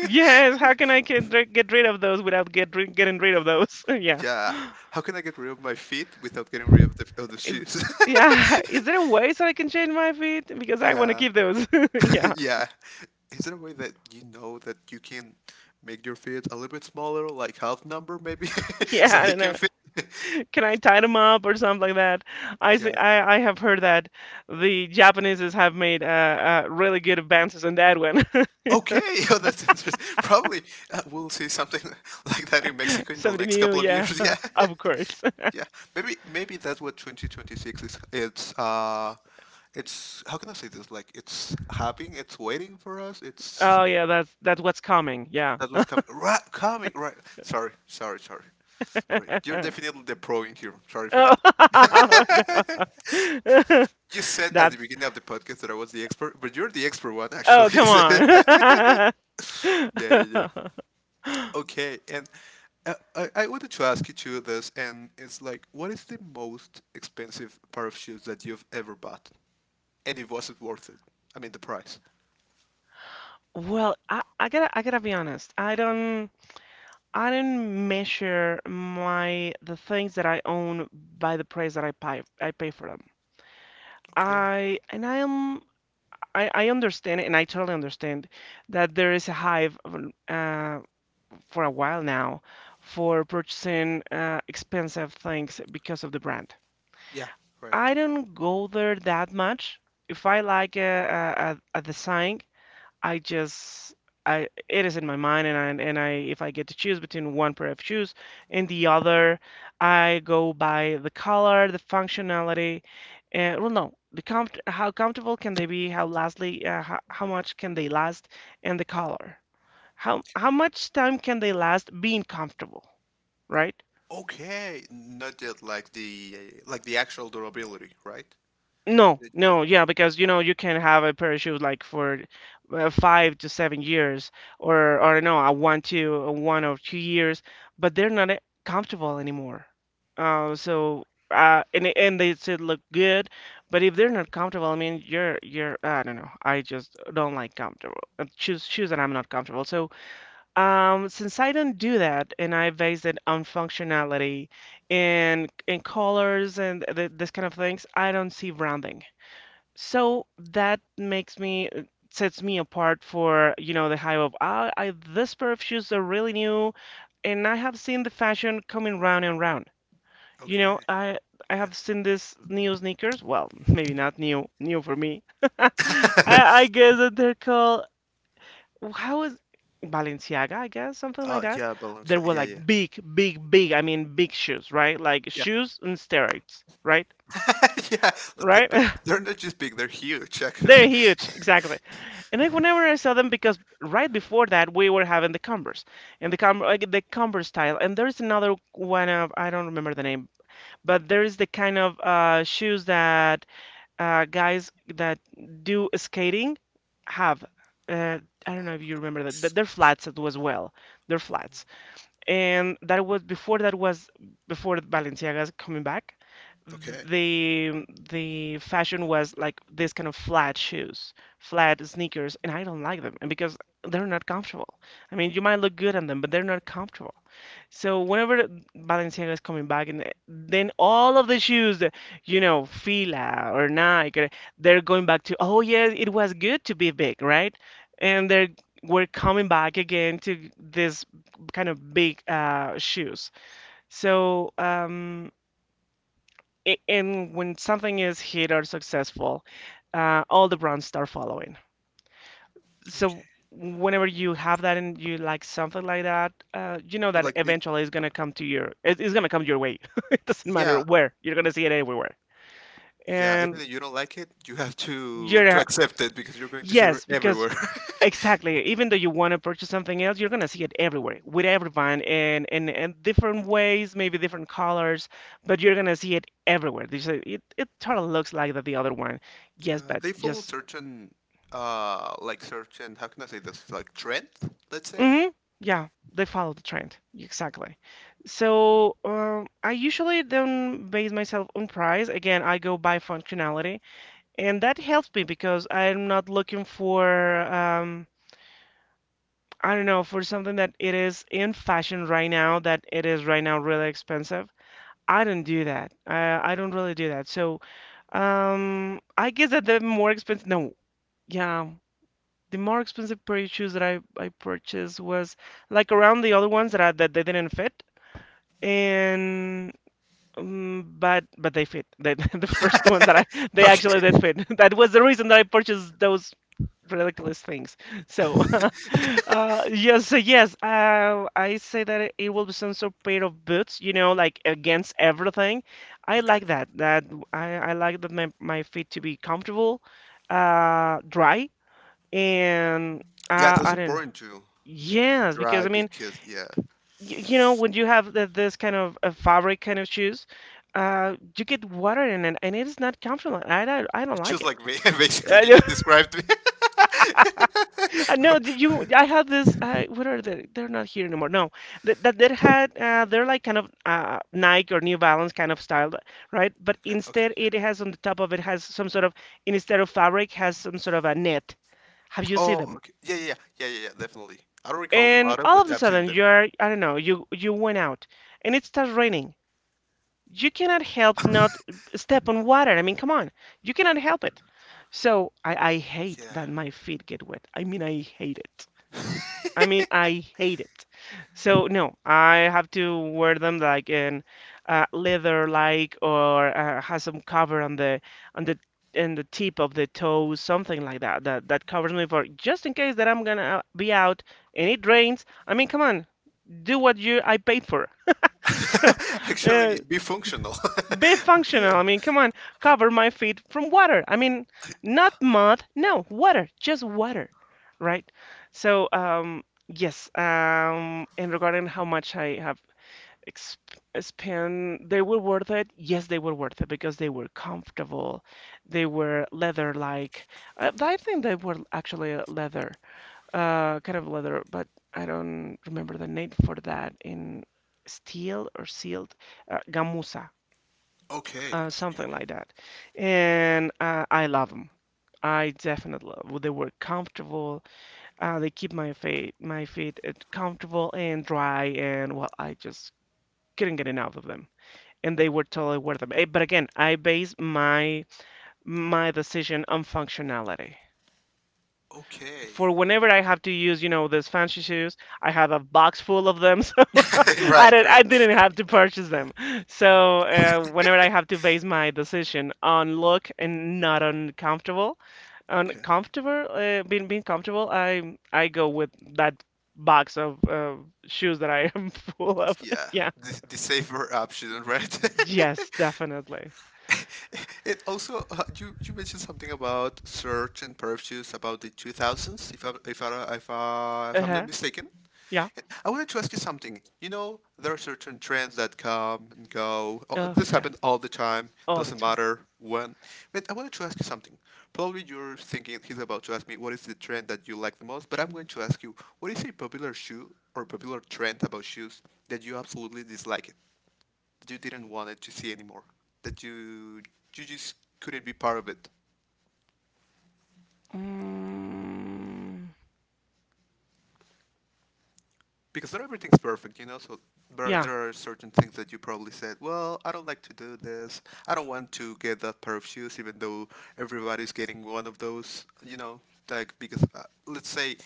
Speaker 1: Yes, how can I get rid of those without getting rid of those? Yeah.
Speaker 2: Yeah. How can I get rid of my feet without getting rid of the
Speaker 1: Is
Speaker 2: shoes?
Speaker 1: Yeah, is there a way so I can change my feet? Because I want to
Speaker 2: Yeah,
Speaker 1: keep those. Yeah.
Speaker 2: yeah. Is there a way that you know that you can make your feet a little bit smaller, like half number maybe, so
Speaker 1: Yeah, I
Speaker 2: they
Speaker 1: don't
Speaker 2: can
Speaker 1: know.
Speaker 2: fit?
Speaker 1: Can I tie them up or something like that? I see.
Speaker 2: Yeah.
Speaker 1: I have heard that the Japaneses have made really good advances on that one.
Speaker 2: Okay, oh, that's interesting. Probably we'll see something like that in Mexico in the
Speaker 1: Something
Speaker 2: next
Speaker 1: new,
Speaker 2: couple of
Speaker 1: yeah,
Speaker 2: years. Yeah,
Speaker 1: of course.
Speaker 2: yeah. Maybe that's what 2026 is. It's how can I say this? Like it's happening. It's waiting for us. It's
Speaker 1: Oh yeah, that's what's coming. Yeah.
Speaker 2: that was coming. Right, coming. Right. Sorry, sorry, sorry, sorry. You're definitely the pro in here. Sorry for that.
Speaker 1: Oh, no.
Speaker 2: You said at the
Speaker 1: That's,
Speaker 2: beginning of the podcast that I was the expert, but you're the expert one
Speaker 1: oh
Speaker 2: actually.
Speaker 1: come on.
Speaker 2: Yeah, yeah, yeah. Okay, and I wanted to ask you too this, and it's like, what is the most expensive pair of shoes that you've ever bought? And it wasn't worth it. I mean, the price.
Speaker 1: Well, I gotta, be honest. I don't. I don't measure my the things that I own by the price that I pay for them.
Speaker 2: Okay.
Speaker 1: I and I am I understand, and I totally understand that there is a hype, for a while now, for purchasing expensive things because of the brand.
Speaker 2: Yeah, right.
Speaker 1: I don't go there that much. If I like a design, I just, I it is in my mind, and I, if I get to choose between one pair of shoes and the other, I go by the color, the functionality, and, well, no, the comfort, how comfortable can they be, how lastly, how much can they last, and the color. How much time can they last being comfortable, right?
Speaker 2: Okay, not yet like the actual durability, right?
Speaker 1: No,
Speaker 2: It-
Speaker 1: no, yeah, because you know you can have a parachute like for 5 to 7 years, or no, 1 or 2 years, but they're not comfortable anymore. So, and they still look good, but if they're not comfortable, I mean, you're, I don't know, I just don't like comfortable, shoes that I'm not comfortable. So, since I don't do that, and I base it on functionality and colors and th this kind of things, I don't see branding. So that makes me it sets me apart for, you know, the hype of, ah, this pair of shoes are really new, and I have seen the fashion coming round and round. You
Speaker 2: Okay.
Speaker 1: know, I
Speaker 2: Yeah.
Speaker 1: have seen this new sneakers. Well, maybe not new, new for me. I, I guess that they're called, how is, Balenciaga, I guess, something like
Speaker 2: Oh,
Speaker 1: that.
Speaker 2: yeah,
Speaker 1: They
Speaker 2: Balenciaga.
Speaker 1: were
Speaker 2: Yeah, yeah.
Speaker 1: like big, big, big. I mean, big shoes, right? Like
Speaker 2: Yeah.
Speaker 1: shoes and steroids, right?
Speaker 2: Yeah,
Speaker 1: Right?
Speaker 2: but they're not just big, they're huge
Speaker 1: They're
Speaker 2: actually.
Speaker 1: huge, exactly. And like whenever I saw them, because right before that we were having the Converse and the Com like the Converse style, and there's another one of, I don't remember the name, but there is the kind of shoes that guys that do skating have. Uh, I don't know if you remember that. They're flats as well. They're flats, and that was before Balenciaga's coming back. th-
Speaker 2: Okay.
Speaker 1: The the fashion was like this kind of flat shoes, flat sneakers, and I don't like them, and because they're not comfortable. I mean, you might look good on them, but they're not comfortable. So whenever Balenciaga is coming back, and then all of the shoes, that, you know, Fila or Nike, or, they're going back to, oh yeah, it was good to be big, right? And they're we're coming back again to this kind of big, shoes. So, and when something is hit or successful, all the brands start following. So
Speaker 2: Okay.
Speaker 1: whenever you have that and you like something like that, you know
Speaker 2: But
Speaker 1: that
Speaker 2: like they
Speaker 1: eventually it's gonna come to your it, it's gonna come your way. It doesn't matter
Speaker 2: yeah,
Speaker 1: where, you're gonna see it everywhere.
Speaker 2: yeah, even
Speaker 1: And
Speaker 2: if you don't like it, you have to
Speaker 1: you're
Speaker 2: accept it because you're going to see it
Speaker 1: Yes, because,
Speaker 2: everywhere.
Speaker 1: exactly, even though you want to purchase something else, you're gonna see it everywhere with everyone and in, different ways, maybe different colors, but you're gonna see it everywhere. They say, it, totally looks like that, the other one. Yes,
Speaker 2: Yeah,
Speaker 1: but
Speaker 2: they follow
Speaker 1: just,
Speaker 2: certain like certain how can I say this like trend, let's say.
Speaker 1: hmm. Yeah, they follow the trend. Exactly. So, I usually don't base myself on price. Again, I go by functionality, and that helps me because I'm not looking for, um, I don't know, for something that it is in fashion right now, that it is right now really expensive. I don't do that. I don't really do that. So, I guess that the more expensive, no, yeah, the more expensive pair of shoes that I purchased was like around the other ones that that they didn't fit, and, but they fit, the first one that I they
Speaker 2: Okay.
Speaker 1: actually did fit. That was the reason that I purchased those ridiculous things, so yes, so yes, I say that it will be some sort of pair of boots, you know, like against everything. I
Speaker 2: Okay.
Speaker 1: like that I like that my feet to be comfortable, dry, and
Speaker 2: Yeah, that's
Speaker 1: I don't know.
Speaker 2: important too. Being
Speaker 1: Yes, because
Speaker 2: dry
Speaker 1: I mean,
Speaker 2: because yeah.
Speaker 1: you know when you have this kind of a fabric kind of shoes, you get water in it and it is not comfortable. I don't like
Speaker 2: Just
Speaker 1: it.
Speaker 2: like me, basically
Speaker 1: I
Speaker 2: you
Speaker 1: know.
Speaker 2: just described me.
Speaker 1: I
Speaker 2: Okay,
Speaker 1: know, did you I had this, what are they, they're not here anymore, no, that had, they're like kind of Nike or New Balance kind of style, right? But
Speaker 2: okay,
Speaker 1: instead
Speaker 2: yeah.
Speaker 1: it has on the top of it, has some sort of, instead of fabric, has some sort of a net. Have you seen
Speaker 2: Oh
Speaker 1: them?
Speaker 2: okay. Yeah, yeah, yeah, yeah, yeah, yeah, definitely. I don't recall them
Speaker 1: And
Speaker 2: auto,
Speaker 1: all
Speaker 2: but
Speaker 1: of a
Speaker 2: I've seen
Speaker 1: sudden you
Speaker 2: them.
Speaker 1: are, I don't know, you went out and it starts raining. You cannot help not step on water. I mean, come on. You cannot help it. So I hate
Speaker 2: Yeah.
Speaker 1: that my feet get wet. I mean, I hate it. I mean, I hate it. So no, I have to wear them like in, leather like or has some cover on the on the and the tip of the toes, something like that, that covers me for, just in case that I'm gonna be out and it rains. I mean, come on, do what you I paid for. So,
Speaker 2: Actually
Speaker 1: uh,
Speaker 2: be functional.
Speaker 1: be
Speaker 2: Okay.
Speaker 1: functional. I mean, come on, cover my feet from water. I mean, not mud, no, water, just water, right? So, yes, and regarding how much I have, exp spent, they were worth it. Yes, they were worth it because they were comfortable. They were leather-like. I think they were actually, leather, kind of leather, but I don't remember the name for that in steel or sealed, gamuza,
Speaker 2: Okay. Okay.
Speaker 1: something like that. And I love them. I definitely love. They were comfortable. They keep my feet comfortable and dry, and, well, I just couldn't get enough of them. And they were totally worth them. But again, I base my decision on functionality.
Speaker 2: Okay.
Speaker 1: For whenever I have to use, you know, these fancy shoes, I have a box full of them, so
Speaker 2: Okay. Right. Right.
Speaker 1: I didn't have to purchase
Speaker 2: Yeah.
Speaker 1: them. So, whenever I have to base my decision on look and not on comfortable,
Speaker 2: Okay.
Speaker 1: being comfortable, I go with that box of, shoes that I am full of.
Speaker 2: Yeah.
Speaker 1: Yeah.
Speaker 2: The safer option, right?
Speaker 1: Yes, definitely.
Speaker 2: It also you you mentioned something about search and purchase about the 2000s if I'm not
Speaker 1: Uh-huh.
Speaker 2: mistaken.
Speaker 1: Yeah.
Speaker 2: I wanted to ask you something. You know, there are certain trends that come and go. Oh,
Speaker 1: Oh,
Speaker 2: this
Speaker 1: yeah.
Speaker 2: happens all the time.
Speaker 1: All the
Speaker 2: Doesn't
Speaker 1: time.
Speaker 2: matter when. But I wanted to ask you something. Probably you're thinking he's about to ask me what is the trend that you like the most. But I'm going to ask you what is a popular shoe or popular trend about shoes that you absolutely dislike it? That you didn't want it to see anymore? That you just couldn't be part of it?
Speaker 1: Mm,
Speaker 2: Because not everything's perfect, you know. So there
Speaker 1: yeah.
Speaker 2: there are certain things that you probably said. Well, I don't like to do this. I don't want to get that pair of shoes, even though everybody's getting one of those. You know, like because let's say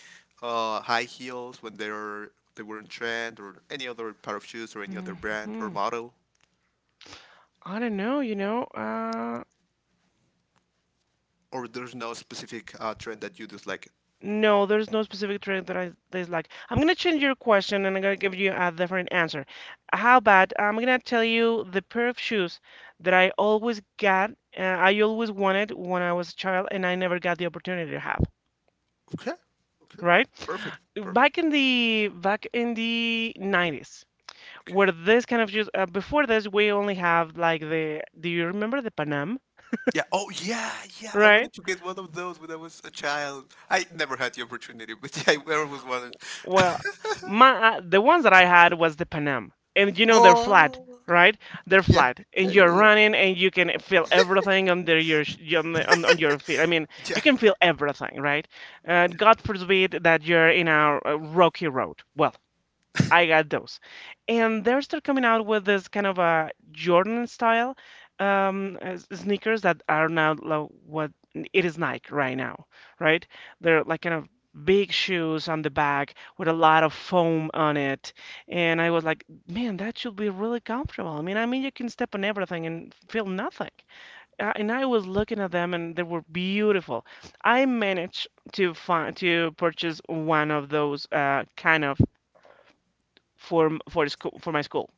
Speaker 2: high heels when they were in trend, or any other pair of shoes, or any other brand or
Speaker 1: Mhm.
Speaker 2: model,
Speaker 1: I don't know, you know.
Speaker 2: or there's no specific trend that you dislike.
Speaker 1: No, there's no specific trait that I dislike. I'm gonna change your question, and I'm gonna give you a different answer. How about I'm gonna tell you the pair of shoes that I always wanted when I was a child, and I never got the opportunity to have,
Speaker 2: Okay, okay,
Speaker 1: right?
Speaker 2: perfect, perfect.
Speaker 1: Back in the 90s,
Speaker 2: Okay.
Speaker 1: where this kind of shoes, before this, we only have like the, do you remember the Panam,
Speaker 2: Yeah. Oh, yeah, yeah. I
Speaker 1: right?
Speaker 2: wanted to get one of those when I was a child. I never had the opportunity, but yeah, I always wanted.
Speaker 1: Well, my the ones that I had was the Panam, and you know they're flat,
Speaker 2: Oh,
Speaker 1: right? They're
Speaker 2: yeah,
Speaker 1: flat,
Speaker 2: yeah,
Speaker 1: and
Speaker 2: yeah,
Speaker 1: you're
Speaker 2: yeah,
Speaker 1: running, and you can feel everything under your on your feet. I mean,
Speaker 2: yeah.
Speaker 1: you can feel everything, right? God forbid that you're in a rocky road. Well, I got those. And they're still coming out with this kind of a Jordan style sneakers that are now what it is Nike right now, right? They're like kind of big shoes on the back with a lot of foam on it. And I was like, man, that should be really comfortable. I mean, you can step on everything and feel nothing. And I was looking at them and they were beautiful. I managed to purchase one of those kind of for school for my school.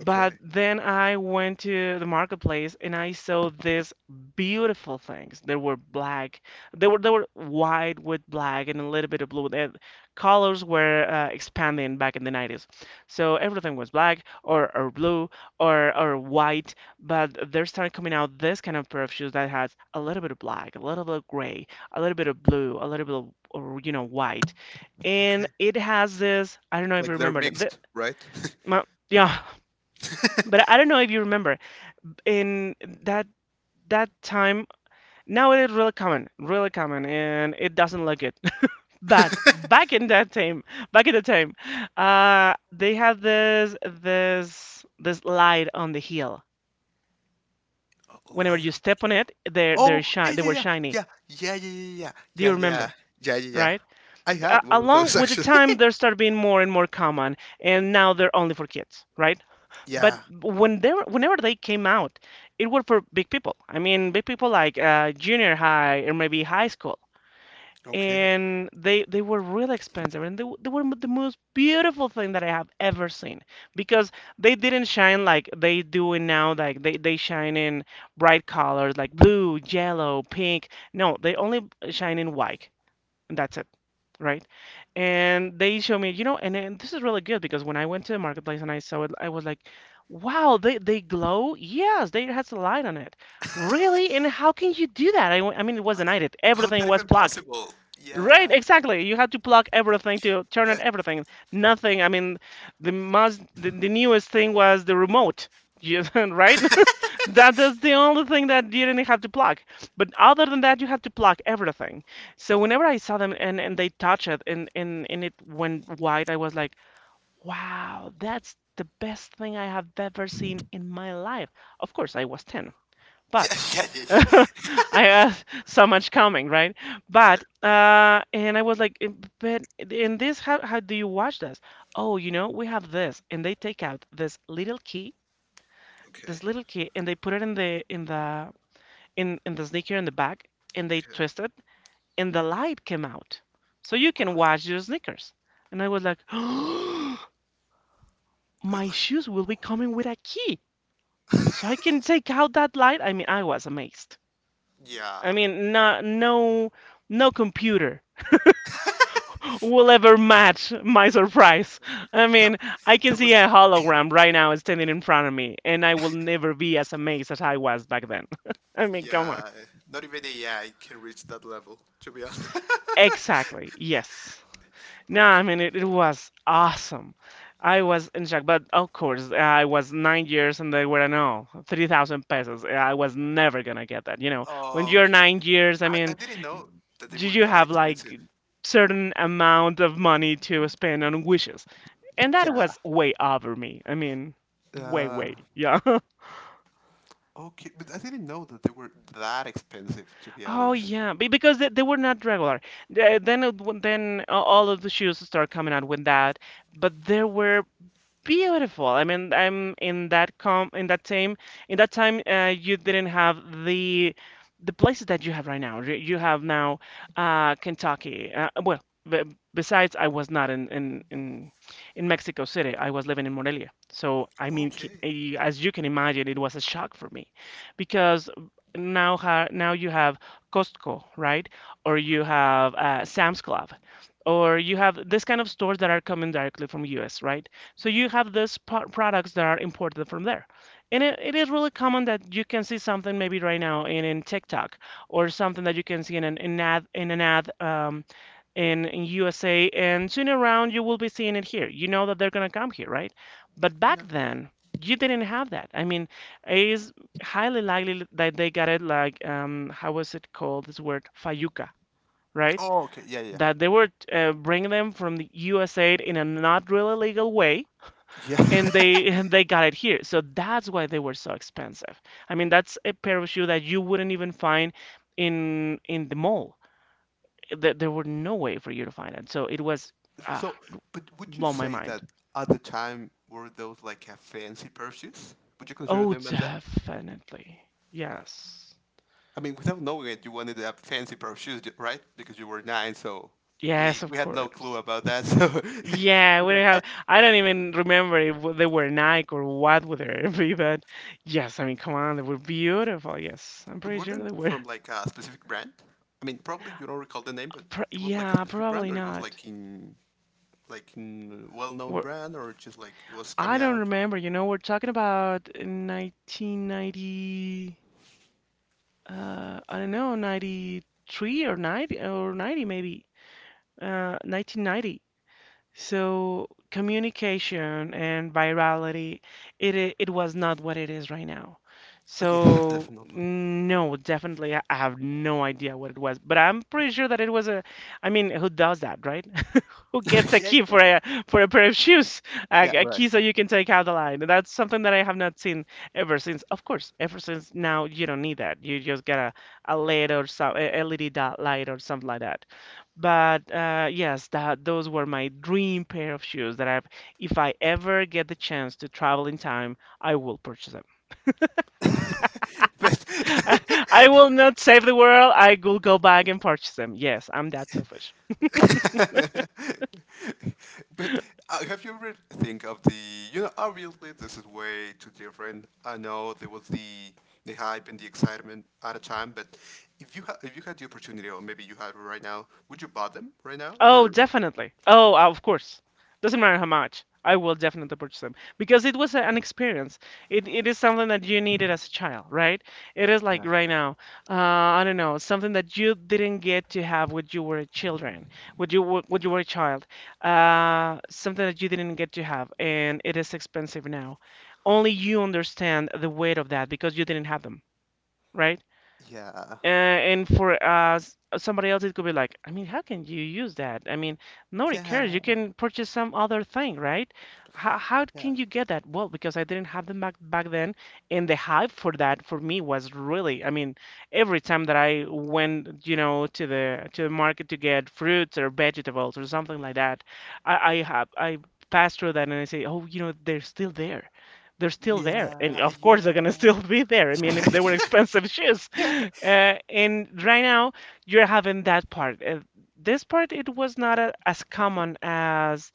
Speaker 2: Okay,
Speaker 1: then I went to the marketplace and I saw these beautiful things. They were black. They were white with black and a little bit of blue. The colors were expanding back in the 90s. So everything was black or blue or white, but they started coming out this kind of pair of shoes that has a little bit of black, a little bit of gray, a little bit of blue, a little bit of or, you know, white, and
Speaker 2: okay.
Speaker 1: it has this. I don't know if you
Speaker 2: Like they're
Speaker 1: remember that.
Speaker 2: mixed, right?
Speaker 1: Ma- yeah, but I don't know if you remember in that that time. Now it is really common, and it doesn't look it. But back in that time, back in the time, they had this light on the heel.
Speaker 2: Oh,
Speaker 1: Whenever
Speaker 2: light
Speaker 1: you
Speaker 2: on the
Speaker 1: step on
Speaker 2: hill.
Speaker 1: it,
Speaker 2: Oh, yeah,
Speaker 1: they were
Speaker 2: yeah,
Speaker 1: shiny.
Speaker 2: yeah, yeah, yeah, yeah, yeah, yeah,
Speaker 1: Do you
Speaker 2: yeah, yeah,
Speaker 1: remember?
Speaker 2: yeah, yeah, yeah.
Speaker 1: Right?
Speaker 2: I
Speaker 1: A
Speaker 2: had one of
Speaker 1: along
Speaker 2: those
Speaker 1: with the
Speaker 2: actually.
Speaker 1: time, they start being more and more common, and now they're only for kids, right? But
Speaker 2: Yeah.
Speaker 1: whenever they came out, it were for big people. I mean, big people like junior high or maybe high school,
Speaker 2: Okay.
Speaker 1: and they were really expensive, and they were the most beautiful thing that I have ever seen because they didn't shine like they do it now. Like they shine in bright colors like blue, yellow, pink. No, they only shine in white. And that's it, right?
Speaker 2: Yeah.
Speaker 1: And they show me, you know, and this is really good because when I went to the marketplace and I saw it, I was like, wow, they glow? Yes, they it has a light on it. Really? And how can you do that? I mean, it
Speaker 2: I-
Speaker 1: wasn't nighted.
Speaker 2: How's that
Speaker 1: Everything was
Speaker 2: even
Speaker 1: plugged.
Speaker 2: possible?
Speaker 1: Right,
Speaker 2: Yeah.
Speaker 1: exactly. You had to plug everything to turn
Speaker 2: Yeah.
Speaker 1: on everything. Nothing. I mean, the newest thing was the remote. You, right? That is the only thing that you didn't have to plug. But other than that, you have to plug everything. So
Speaker 2: Yeah.
Speaker 1: whenever I saw them and they touch it and it went white, I was like, wow, that's the best thing I have ever seen in my life. Of course, I was 10, but
Speaker 2: Yeah. Yeah. Yeah. Yeah.
Speaker 1: I had so much coming, right? But and I was like, "Eh, but in this, how do you watch this? Oh, you know, we have this." And they take out this little key,
Speaker 2: Okay.
Speaker 1: and they put it in the in the in the sneaker in the back, and they
Speaker 2: Okay.
Speaker 1: twisted, and the light came out. So you can
Speaker 2: Oh,
Speaker 1: wash your sneakers. And I was like, oh, my
Speaker 2: like
Speaker 1: shoes will be coming with a key. So I can take out that light. I mean, I was amazed. I
Speaker 2: yeah
Speaker 1: mean, no computer will ever match my surprise. I
Speaker 2: that
Speaker 1: mean, I can
Speaker 2: that
Speaker 1: see
Speaker 2: was
Speaker 1: a
Speaker 2: the
Speaker 1: hologram right now standing in front of me, and I will never be as amazed as I was back then. I mean, come on.
Speaker 2: yeah not even a yeah I can reach that level to be honest
Speaker 1: Exactly. Yes. No, I mean,
Speaker 2: okay.
Speaker 1: it was awesome. I was in shock, but of course I was 9 years and they were no 3,000 pesos. I was never gonna get that. You know, when
Speaker 2: Oh,
Speaker 1: you're
Speaker 2: okay,
Speaker 1: 9 years, I
Speaker 2: I
Speaker 1: mean,
Speaker 2: didn't know that they
Speaker 1: you
Speaker 2: were
Speaker 1: you
Speaker 2: that
Speaker 1: have
Speaker 2: expensive.
Speaker 1: like certain amount of money to spend on wishes, and that
Speaker 2: Yeah
Speaker 1: was way over me. I mean, way
Speaker 2: uh
Speaker 1: way yeah.
Speaker 2: okay, but I didn't know that they were that expensive to be
Speaker 1: Oh
Speaker 2: honest.
Speaker 1: yeah, because they were not regular. The- Then it- when- then a- All of the shoes start coming out with that, but there were beautiful. I mean, I'm in that com in that time in that time, you didn't have the places that you have right now. You have now Kentucky. Well, b Besides, I was not in Mexico City. I was living in Morelia. So I mean,
Speaker 2: Okay,
Speaker 1: as you can imagine, it was a shock for me because now you have Costco, right? Or you
Speaker 2: right,
Speaker 1: have Sam's Club, or you have this kind of stores that are coming directly from US, right? So you have these products that are imported from there. And it is really common that you can see something maybe right now in TikTok or something that you can see in an ad in USA. And soon around, you will be seeing it here. You know that they're going to come here, right? But back
Speaker 2: yeah.
Speaker 1: then, you didn't have that. I mean, it is highly likely that they got it like, how was it called? This word, fayuca, right?
Speaker 2: Oh okay, yeah, yeah,
Speaker 1: That they were bringing them from the USA in a not really legal way,
Speaker 2: yeah.
Speaker 1: and
Speaker 2: Yeah.
Speaker 1: they and they got it here. So that's why they were so expensive. I mean, that's a pair of shoe that you wouldn't even find in the mall. There were no way for you to find it. So it was
Speaker 2: So
Speaker 1: ah,
Speaker 2: but would you
Speaker 1: blow my
Speaker 2: say that
Speaker 1: mind.
Speaker 2: at the time were those like a fancy purchase, would you consider
Speaker 1: Oh,
Speaker 2: them as that?
Speaker 1: definitely. Yes.
Speaker 2: I mean, without knowing it, you wanted a fancy pair of shoes, right? Because you were nine, so
Speaker 1: Yes, of
Speaker 2: we had no clue
Speaker 1: course.
Speaker 2: about that. So,
Speaker 1: Yeah,
Speaker 2: it's
Speaker 1: we don't
Speaker 2: like, I
Speaker 1: have. I don't even remember if they were Nike or what would they be, but yes, I mean, come on, they were beautiful. Yes, I'm
Speaker 2: but
Speaker 1: pretty
Speaker 2: were they
Speaker 1: sure they were.
Speaker 2: from like a specific brand? I mean, probably you don't recall the name, but
Speaker 1: Pro
Speaker 2: it was like a
Speaker 1: Yeah,
Speaker 2: specific
Speaker 1: probably
Speaker 2: brand, or it was
Speaker 1: not.
Speaker 2: like in well-known brand, or just like it was
Speaker 1: I
Speaker 2: coming
Speaker 1: don't
Speaker 2: out, or
Speaker 1: remember. You know, we're talking about 1990, I don't know, 93 or 90 or 90 maybe, 1990. So communication and virality, it was not what it is right now.
Speaker 2: oh yeah,
Speaker 1: So
Speaker 2: definitely,
Speaker 1: no, definitely, I have no idea what it was, but I'm pretty sure that it was a, I mean, who does that, right? Who gets a
Speaker 2: yeah,
Speaker 1: key
Speaker 2: yeah,
Speaker 1: for a pair of shoes?
Speaker 2: yeah,
Speaker 1: A
Speaker 2: right.
Speaker 1: key so you can take out the light. That's something that I have not seen ever since. Of course, ever since, now you don't need that. You just get a LED or some a LED dot light or something like that. But yes, that those were my dream pair of shoes that if I ever get the chance to travel in time, I will purchase them.
Speaker 2: But
Speaker 1: I will not save the world. I will go back and purchase them. Yes, I'm that selfish.
Speaker 2: But have you ever think of the you know obviously this is way too different. I know there was the hype and the excitement at a time, but if you had the opportunity or maybe you have it right now, would you buy them right now
Speaker 1: Oh,
Speaker 2: or
Speaker 1: definitely. Oh, of course. Doesn't matter how much. I will definitely purchase them because it was an experience. It is something that you needed as a child, right? It is like
Speaker 2: yeah
Speaker 1: right now, I don't know, something that you didn't get to have when you were a children, when you were a child, something that you didn't get to have, and it is expensive now. Only you understand the weight of that because you didn't have them, right?
Speaker 2: yeah
Speaker 1: And for somebody else, it could be like, I mean, how can you use that? I mean, nobody cares. You
Speaker 2: yeah
Speaker 1: can purchase some other thing, right? How
Speaker 2: yeah
Speaker 1: can you get that? Well, because I didn't have them back then, and the hype for that for me was really, I mean, every time that I went, you know, to the market to get fruits or vegetables or something like that, I pass through that and I say, oh, you know, they're still there,
Speaker 2: yeah
Speaker 1: And of course, they're gonna
Speaker 2: yeah
Speaker 1: still be there. I mean, if
Speaker 2: yeah
Speaker 1: they were
Speaker 2: yeah
Speaker 1: expensive shoes.
Speaker 2: yeah.
Speaker 1: And right now, you're having that part. This part, it was not as common as,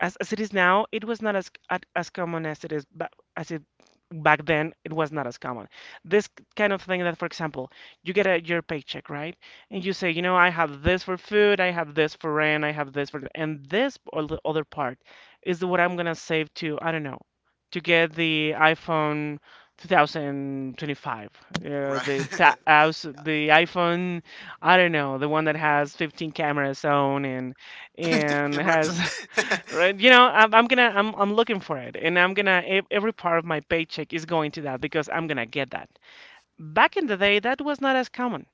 Speaker 1: as it is now. It was not as common as it is ba- as it back then. It was not as common. This kind of thing that, for example, you get your paycheck, right? And you say, I have this for food, I have this for rent, I have this for, and this or the other part is what I'm gonna save to, I don't know to get the iPhone 2025. Uh,
Speaker 2: Right
Speaker 1: the tha- as
Speaker 2: yeah
Speaker 1: the iPhone, I don't know, the one that has 15 cameras on and
Speaker 2: the
Speaker 1: and
Speaker 2: cameras
Speaker 1: has right. You know, I'm gonna I'm looking for it, and I'm gonna every part of my paycheck is going to that because I'm gonna get that. Back in the day, that was not as common.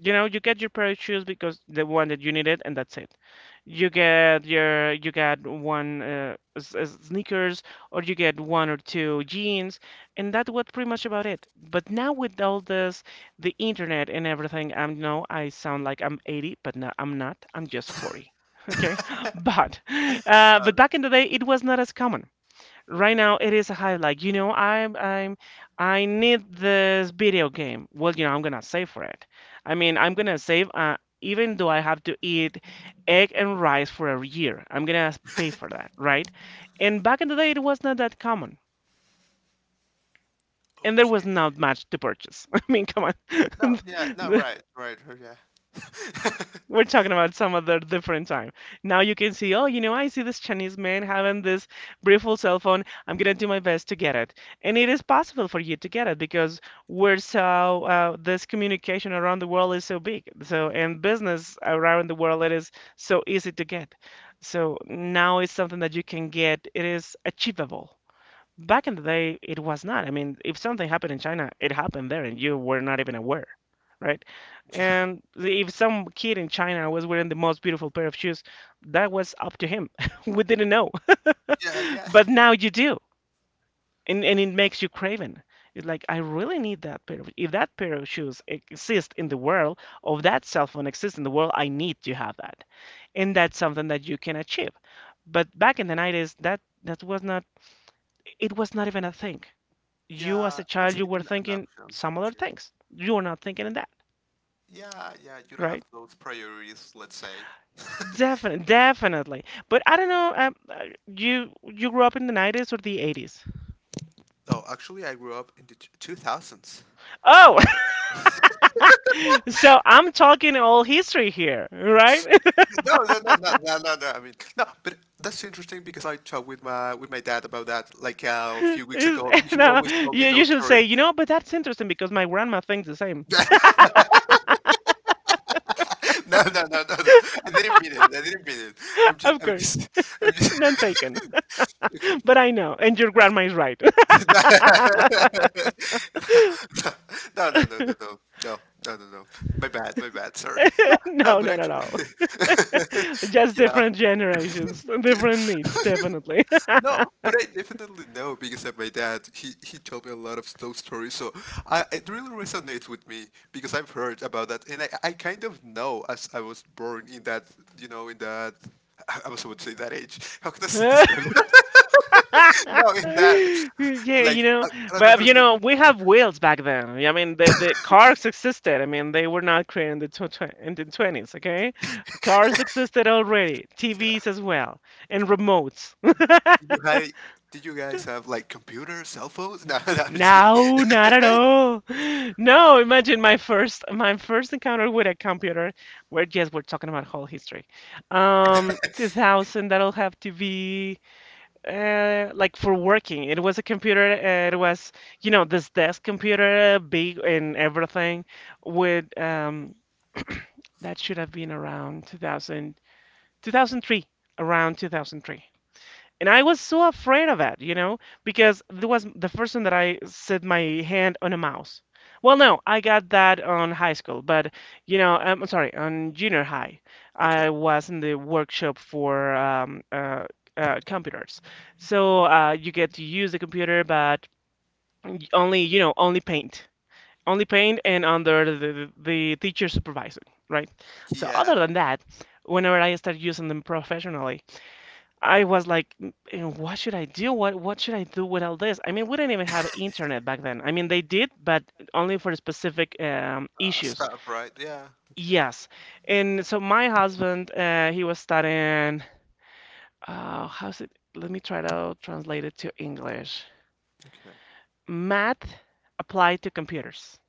Speaker 1: You know, you get your pair of shoes because the one that you needed, and that's it. You get one sneakers, or you get one or two jeans, and that was pretty much about it. But now with all this, the internet and everything, I'm no, I sound like I'm 80, but no, I'm not. I'm just 40. Okay, but uh,
Speaker 2: no,
Speaker 1: but
Speaker 2: no.
Speaker 1: back in the day, it was not as common. Right now it is a hype, like you know, I need this video game. Well, you know I'm gonna save for it. I mean I'm gonna save, even though I have to eat egg and rice for a year. I'm gonna pay for that, right? And back in the day it was not that common. And there
Speaker 2: Okay
Speaker 1: was not much to purchase. I mean, come
Speaker 2: no
Speaker 1: on.
Speaker 2: yeah no right right oh, yeah
Speaker 1: We're talking about some other different time. Now you can see, oh, you know, I see this Chinese man having this beautiful cell phone. I'm gonna do my best to get it. And it is possible for you to get it because this communication around the world is so big. So, and business around the world, it is so easy to get. So now it's something that you can get. It is achievable. Back in the day, it was not. I mean, if something happened in China, it happened there, and you were not even aware, right?
Speaker 2: yeah
Speaker 1: If some kid in China was wearing the most beautiful pair of shoes, that was up to him. We didn't know,
Speaker 2: yeah yeah.
Speaker 1: but now you do, and it makes you craven. It's like I really need that pair of. If that pair of shoes exists in the world, or that cell phone exists in the world, I need to have that, and that's something that you can achieve. But back in the 90s, that was not. It was not even a thing. You as
Speaker 2: Yeah,
Speaker 1: a
Speaker 2: it
Speaker 1: child,
Speaker 2: wasn't
Speaker 1: you were
Speaker 2: even an
Speaker 1: thinking
Speaker 2: option.
Speaker 1: some other
Speaker 2: to-
Speaker 1: things, you were not thinking in that,
Speaker 2: Yeah, yeah, you don't have
Speaker 1: right?
Speaker 2: those priorities, let's say.
Speaker 1: Definitely, definitely. But i don't know um, uh, you, you grew up in the 90s or the 80s?
Speaker 2: No, actually, I grew up in the 2000s.
Speaker 1: Oh. So I'm talking all history here, right?
Speaker 2: No, no, no, no, no, no, no. I mean, no, but that's interesting because I talked with my dad about that like a few weeks
Speaker 1: Is-
Speaker 2: ago.
Speaker 1: and,
Speaker 2: He
Speaker 1: uh,
Speaker 2: always told me
Speaker 1: you, you
Speaker 2: those
Speaker 1: should say,
Speaker 2: stories.
Speaker 1: you know, but that's interesting because my grandma thinks the same.
Speaker 2: No, no, no, no, no. I didn't mean it. I didn't mean it. I'm just,
Speaker 1: Of
Speaker 2: I'm
Speaker 1: course.
Speaker 2: just, I'm just.
Speaker 1: None taken.
Speaker 2: Okay.
Speaker 1: But I know, and your grandma is right.
Speaker 2: No, no, no, no, no, no, no, no, no, no. My bad, my bad. Sorry. No, no,
Speaker 1: No,
Speaker 2: but
Speaker 1: not at
Speaker 2: actually,
Speaker 1: all. Just different generations, different
Speaker 2: yeah.
Speaker 1: needs, definitely.
Speaker 2: No, but I definitely know because of my dad. He told me a lot of those stories, so I it really resonates with me because I've heard about that, and I kind of know as I was born in that you know in that I was about to say that age. How can I describe that? no, in that
Speaker 1: Yeah, you
Speaker 2: like
Speaker 1: know,
Speaker 2: I don't know how
Speaker 1: but
Speaker 2: to
Speaker 1: you
Speaker 2: say.
Speaker 1: know, we have wheels back then. I mean, the cars existed. I mean, they were not created in the in the 20s, okay? Cars existed already,
Speaker 2: Yeah,
Speaker 1: TVs as well, and remotes.
Speaker 2: did you guys did you guys have like computers, cell phones? No, no, I'm just kidding.
Speaker 1: No, not at all. No, imagine my first encounter with a computer where yes, we're talking about whole history. 2000, that'll have to be, like for working. It was a computer. You know, this desk computer, big and everything. With that should have been around 2000, 2003, around 2003. And I was so afraid of it, you know, because it was the first time that I set my hand on a mouse. Well, no, I got that on high school, but you know, I'm sorry, on junior high,
Speaker 2: Okay,
Speaker 1: I was in the workshop for computers. So, you get to use the computer, but only, you know, only paint, and under the teacher supervising, right? So other
Speaker 2: yeah,
Speaker 1: than that, whenever I started using them professionally. I was like, "Mm, and what should I do? What should I do with all this?" I mean, we didn't even have internet back then. I mean, they did, but only for specific issues.
Speaker 2: stuff, right? Yeah, okay,
Speaker 1: Yes. And so my husband, he was studying. How's it? Let me try to translate it to English.
Speaker 2: okay.
Speaker 1: Math applied to computers.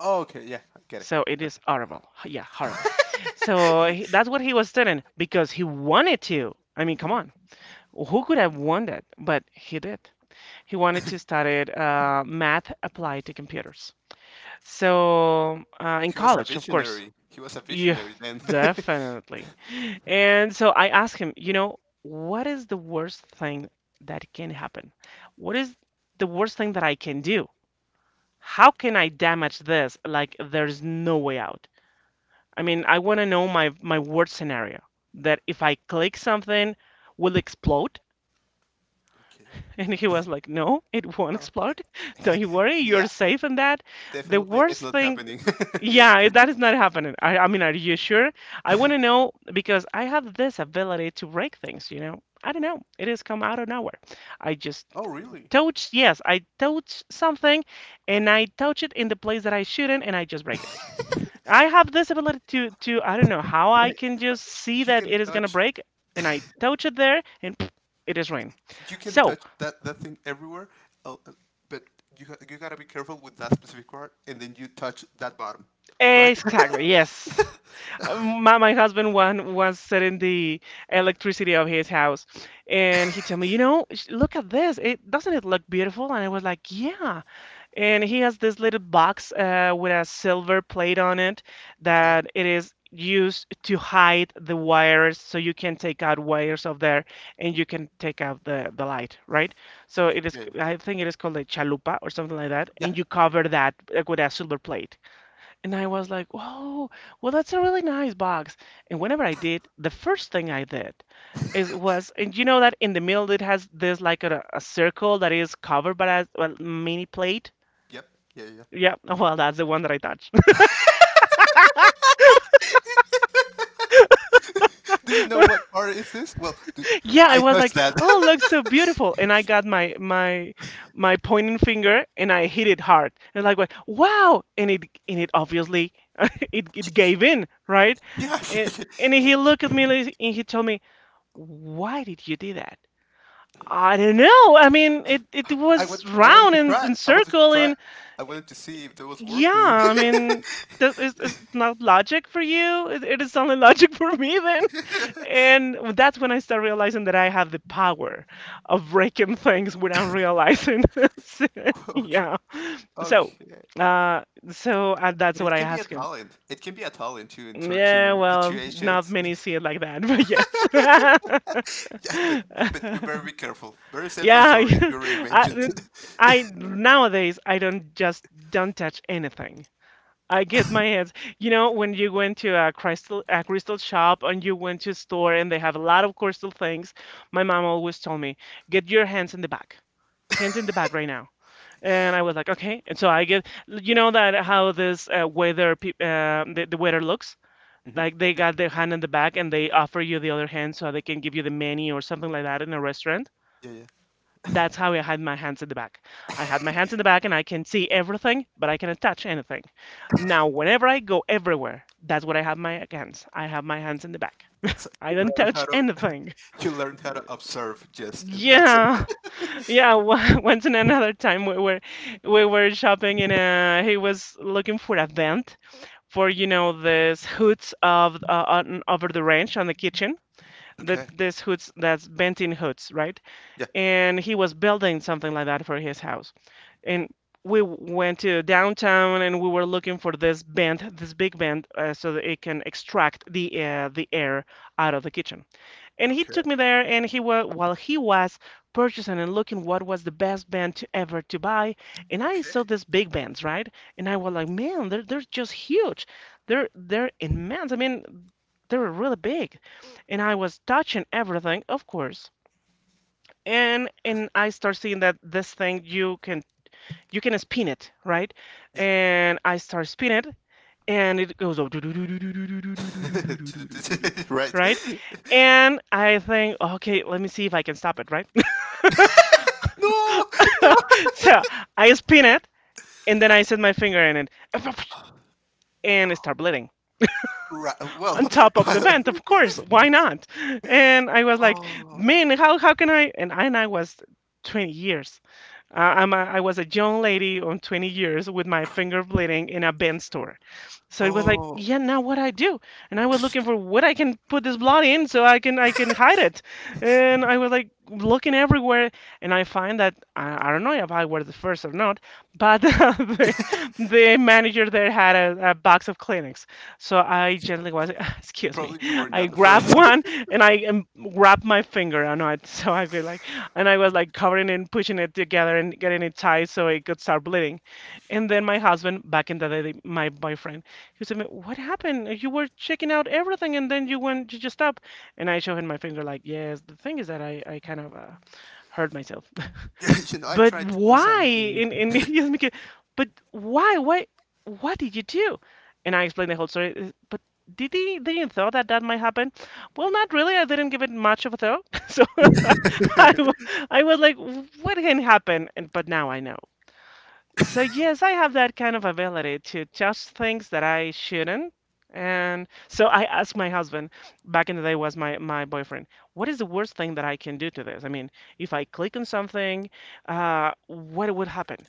Speaker 2: Oh, okay, yeah, I get it.
Speaker 1: So it is
Speaker 2: Okay.
Speaker 1: horrible. Yeah, horrible. So he, that's what he was studying because he wanted to. I mean, come on. Who could have won that? But he did. He wanted to study, math applied to computers. So, in
Speaker 2: He was a
Speaker 1: college, of course.
Speaker 2: visionary. He was a
Speaker 1: Yeah,
Speaker 2: visionary then.
Speaker 1: definitely. And so I asked him, you know, what is the worst thing that can happen? What is the worst thing that I can do? How can I damage this? Like there's no way out. I mean, I want to know my worst scenario, that if I click something, will explode.
Speaker 2: Okay.
Speaker 1: And he was like, "No, it won't
Speaker 2: No.
Speaker 1: explode. Don't you worry, you're
Speaker 2: Yeah.
Speaker 1: safe in that." The
Speaker 2: Definitely, it's
Speaker 1: worst
Speaker 2: not
Speaker 1: thing,
Speaker 2: happening.
Speaker 1: yeah, that is not happening. I mean, are you sure? I want to know because I have this ability to break things, you know. I don't know. It has come out of nowhere. I just
Speaker 2: Oh, really?
Speaker 1: touch, yes, I touch something and
Speaker 2: Okay.
Speaker 1: I touch it in the place that I shouldn't and I just break it. I have this ability to, I don't know how I
Speaker 2: Like,
Speaker 1: can just see
Speaker 2: you
Speaker 1: that
Speaker 2: can
Speaker 1: it is gonna
Speaker 2: touch.
Speaker 1: break and I touch it there and pff, it is rain.
Speaker 2: You can
Speaker 1: So.
Speaker 2: touch that thing everywhere. Uh, uh, but you gotta be careful with that specific part, and then you touch that bottom, right?
Speaker 1: Exactly, yes. My husband one was setting the electricity of his house, and he told me, you know, look at this. It doesn't it look beautiful? And I was like, yeah. And he has this little box, with a silver plate on it
Speaker 2: Okay.
Speaker 1: that it is used to hide the wires, so you can take out wires of there, and you can take out the light, right? So
Speaker 2: Okay.
Speaker 1: it is,
Speaker 2: Yeah.
Speaker 1: I think it is called a chalupa or something like that,
Speaker 2: Yeah.
Speaker 1: and you
Speaker 2: Yeah.
Speaker 1: cover that, with a silver plate. And I was like, "Whoa, well, that's a really nice box." And whenever I did, the first thing I did is was, and you know that in the middle it has this like a circle that is covered by a, well, mini plate.
Speaker 2: Yeah. Yep. Yeah. Yeah.
Speaker 1: Yeah, well, that's the one that I touched.
Speaker 2: Do you know what part is this? Well, do,
Speaker 1: Yeah, I
Speaker 2: I
Speaker 1: was
Speaker 2: touched
Speaker 1: like,
Speaker 2: that.
Speaker 1: "Oh, looks so beautiful," and I got my pointing finger and I hit it hard, and like, went, "Wow!" And it obviously it gave in, right?
Speaker 2: Yeah.
Speaker 1: And and he looked at me like, and he told me, "Why did you do that?" I don't know. I mean, it was
Speaker 2: I wanted
Speaker 1: round
Speaker 2: to try.
Speaker 1: and
Speaker 2: I wanted to
Speaker 1: circle,
Speaker 2: try.
Speaker 1: and
Speaker 2: I wanted to see if that was
Speaker 1: yeah,
Speaker 2: working.
Speaker 1: I mean, that is not logic for you. It is only logic for me then. And that's when I start realizing that I have the power of breaking things without realizing. So,
Speaker 2: Okay.
Speaker 1: yeah. So,
Speaker 2: Okay.
Speaker 1: uh, that's
Speaker 2: But
Speaker 1: what
Speaker 2: it
Speaker 1: I
Speaker 2: can be a
Speaker 1: ask him.
Speaker 2: talent. It can be a talent too in
Speaker 1: Yeah,
Speaker 2: certain
Speaker 1: well, not
Speaker 2: situations.
Speaker 1: many see it like that, but
Speaker 2: Yeah, but you
Speaker 1: yes.
Speaker 2: better be careful. Very safe and
Speaker 1: Yeah,
Speaker 2: sorry, as you already mentioned.
Speaker 1: I, I nowadays I don't just don't touch anything. I get my hands. You know, when you went to a crystal shop and you went to a store and they have a lot of crystal things, my mom always told me, "Get your hands in the back. Hands in the back right now." And I was like, "Okay." And so I get, you know that how this, the weather looks? Like they got their hand in the back and they offer you the other hand so they can give you the menu or something like that in a restaurant.
Speaker 2: Yeah, yeah.
Speaker 1: That's how I had my hands in the back. I had my hands in the back and I can see everything, but I cannot touch anything. Now, whenever I go everywhere, that's what I have my hands. I have my hands in the back.
Speaker 2: So
Speaker 1: I
Speaker 2: you
Speaker 1: don't
Speaker 2: learn how
Speaker 1: touch
Speaker 2: to
Speaker 1: anything.
Speaker 2: You learn how to observe just and that's it.
Speaker 1: Yeah, yeah. Once and another time we were shopping in a. He was looking for a vent for you know these hoods of, on, over the range on the kitchen. That
Speaker 2: Okay.
Speaker 1: this hoods that's venting hoods, right?
Speaker 2: Yeah.
Speaker 1: And he was building something like that for his house. And we went to downtown and we were looking for this vent, this big vent, so that it can extract the air out of the kitchen. And he
Speaker 2: Okay.
Speaker 1: took me there, and he wa while he was purchasing and looking what was the best vent to ever to buy, and I saw
Speaker 2: Okay.
Speaker 1: these big vents, right? And I was like, man, they're just huge, they're immense. I mean, they were really big, and I was touching everything, of course. And I start seeing that this thing you can spin it, right?
Speaker 2: Yeah.
Speaker 1: And I start spinning it, and it goes up,
Speaker 2: Right.
Speaker 1: right? And I think, okay, let me see if I can stop it, right?
Speaker 2: No, no.
Speaker 1: So I spin it, and then I set my finger in it, and it start bleeding
Speaker 2: Right. Well,
Speaker 1: on top of the
Speaker 2: well.
Speaker 1: vent, of course. Why not? And I was like,
Speaker 2: Oh.
Speaker 1: man, how can I? And I was 20 years. I was a young lady on 20 years with my finger bleeding in a bent store. So it was like,
Speaker 2: Oh,
Speaker 1: yeah, now what I do? And I was looking for what I can put this blood in so I can hide it. And I was like looking everywhere, and I find that I don't know if I were the first or not, but the manager there had a box of Kleenex. So I gently was, excuse me,
Speaker 2: probably you were
Speaker 1: I
Speaker 2: not the
Speaker 1: grabbed
Speaker 2: first.
Speaker 1: one and I grabbed my finger and I so I was like, and I was like covering it and pushing it together and getting it tight so it could start bleeding. And then my husband, back in the day, my boyfriend he said, what happened? You were checking out everything and then you just stopped. And I showed him my finger, like, yes, the thing is that I kind of hurt myself.
Speaker 2: Yeah, I
Speaker 1: But
Speaker 2: tried to do
Speaker 1: why?
Speaker 2: something
Speaker 1: And he asked me, but why? Why? What did you do? And I explained the whole story. But did you thought that that might happen? Well, not really. I didn't give it much of a thought. So I, w- I was like, what can happen? And, but now I know. So yes, I have that kind of ability to touch things that I shouldn't. And so I asked my husband, back in the day was my, my boyfriend, what is the worst thing that I can do to this? I mean, if I click on something, what would happen?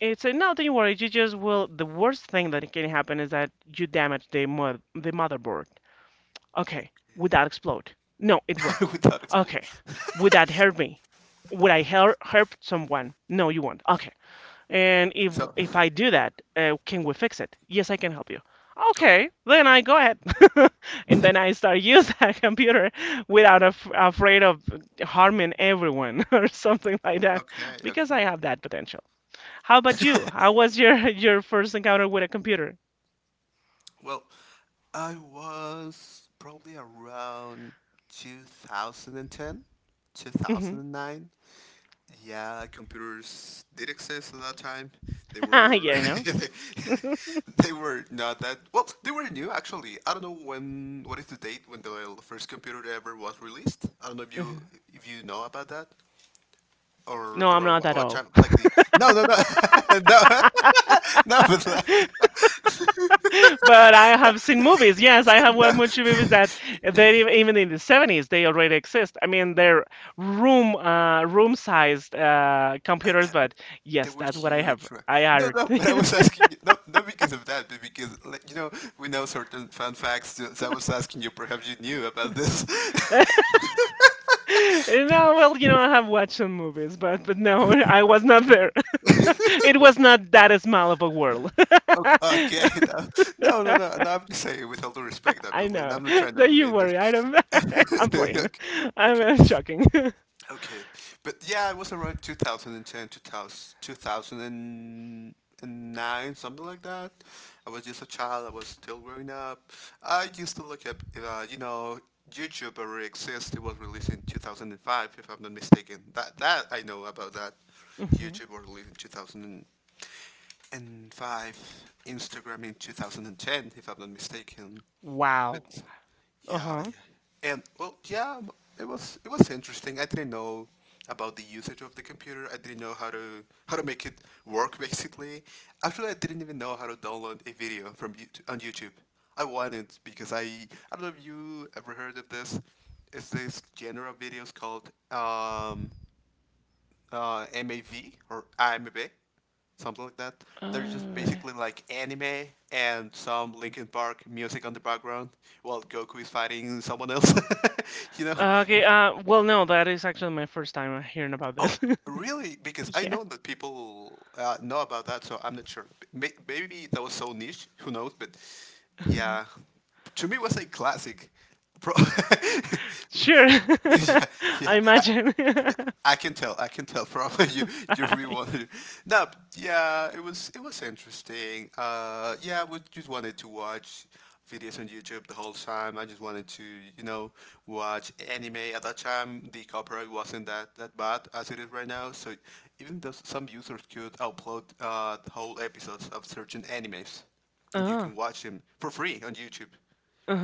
Speaker 1: It said, no, don't you worry, you just will. The worst thing that can happen is that you damage the motherboard. Okay, would that explode? No, it won't.
Speaker 2: without explode.
Speaker 1: Okay, would that hurt me? Would I hurt someone? No, you won't. Okay. And if
Speaker 2: So,
Speaker 1: if I do that, can we fix it? Yes, I can help you.
Speaker 2: okay.
Speaker 1: Okay, then I go ahead,
Speaker 2: Yeah.
Speaker 1: and then I start use that computer
Speaker 2: Okay.
Speaker 1: without afraid of harming everyone or something like that,
Speaker 2: Okay.
Speaker 1: because I
Speaker 2: Okay.
Speaker 1: have that potential. How about you? How was your your first encounter with a computer?
Speaker 2: Well, I was probably around 2010, two
Speaker 1: Hmm.
Speaker 2: thousand and nine. Yeah, computers did exist at that time. They were.
Speaker 1: Yeah, I know.
Speaker 2: They were not that well. They were new actually. I don't know when. What is the date when the first computer ever was released? I don't know if you
Speaker 1: Mhm.
Speaker 2: if you know about that or
Speaker 1: No, I'm
Speaker 2: around
Speaker 1: not
Speaker 2: what,
Speaker 1: at
Speaker 2: what
Speaker 1: all.
Speaker 2: time. Like the no, no, no no no, but like
Speaker 1: But I
Speaker 2: no,
Speaker 1: have seen movies. Yes, I have
Speaker 2: no.
Speaker 1: watched much movies that even in the 70s they already exist. I mean, they're room-sized
Speaker 2: And
Speaker 1: computers,
Speaker 2: yeah,
Speaker 1: but
Speaker 2: they
Speaker 1: yes,
Speaker 2: were
Speaker 1: that's what I have.
Speaker 2: huge. Right?
Speaker 1: I
Speaker 2: No,
Speaker 1: heard.
Speaker 2: no, but I was asking you, not because of that, but because, like, we know certain fun facts. So I was asking you, perhaps you knew about this.
Speaker 1: No, well, you know, I have watched some movies, but no, I was not there. It was not that small of a world.
Speaker 2: Okay, okay. No, no, no, no, no, I'm just saying, with all due respect,
Speaker 1: I
Speaker 2: obviously, and
Speaker 1: know.
Speaker 2: I'm not trying to be
Speaker 1: Don't you
Speaker 2: mean there.
Speaker 1: worry. I don't. I'm
Speaker 2: Okay,
Speaker 1: playing. I'm
Speaker 2: okay.
Speaker 1: joking.
Speaker 2: Okay, but yeah, it was around 2010, two thousand two thousand and nine, something like that. I was just a child. I was still growing up. I used to look at, YouTube already exists. It was released in 2005, if I'm not mistaken. That I know about that.
Speaker 1: Mhm.
Speaker 2: YouTube was released in 2005. Instagram in 2010, if I'm not mistaken.
Speaker 1: Wow.
Speaker 2: But yeah,
Speaker 1: Uh-huh.
Speaker 2: yeah. And well, yeah, it was interesting. I didn't know about the usage of the computer. I didn't know how to make it work basically. Actually, I didn't even know how to download a video from YouTube, on YouTube. I wanted because I don't know if you ever heard of this. It's this genre of videos called MAV or IMAB, something like that. They're just
Speaker 1: Uh,
Speaker 2: basically like anime and some Linkin Park music on the background while Goku is fighting someone else. You know?
Speaker 1: Okay, well, no, that is actually my first time hearing about
Speaker 2: Oh,
Speaker 1: this.
Speaker 2: really? Because I
Speaker 1: Yeah.
Speaker 2: know that people know about that, so I'm not sure. Maybe that was so niche, who knows? But yeah, to me, it was a classic. Pro-
Speaker 1: Sure.
Speaker 2: yeah,
Speaker 1: I
Speaker 2: yeah. Uh,
Speaker 1: imagine.
Speaker 2: yeah, I can tell. I can tell from you. You
Speaker 1: Bye.
Speaker 2: rewarded. No, but yeah, it was interesting. Yeah, we just wanted to watch videos on YouTube the whole time. I just wanted to, you know, watch anime. At that time, the copyright wasn't that bad as it is right now. So even though some users could upload the whole episodes of certain animes, and you
Speaker 1: Uh,
Speaker 2: can watch them for free on YouTube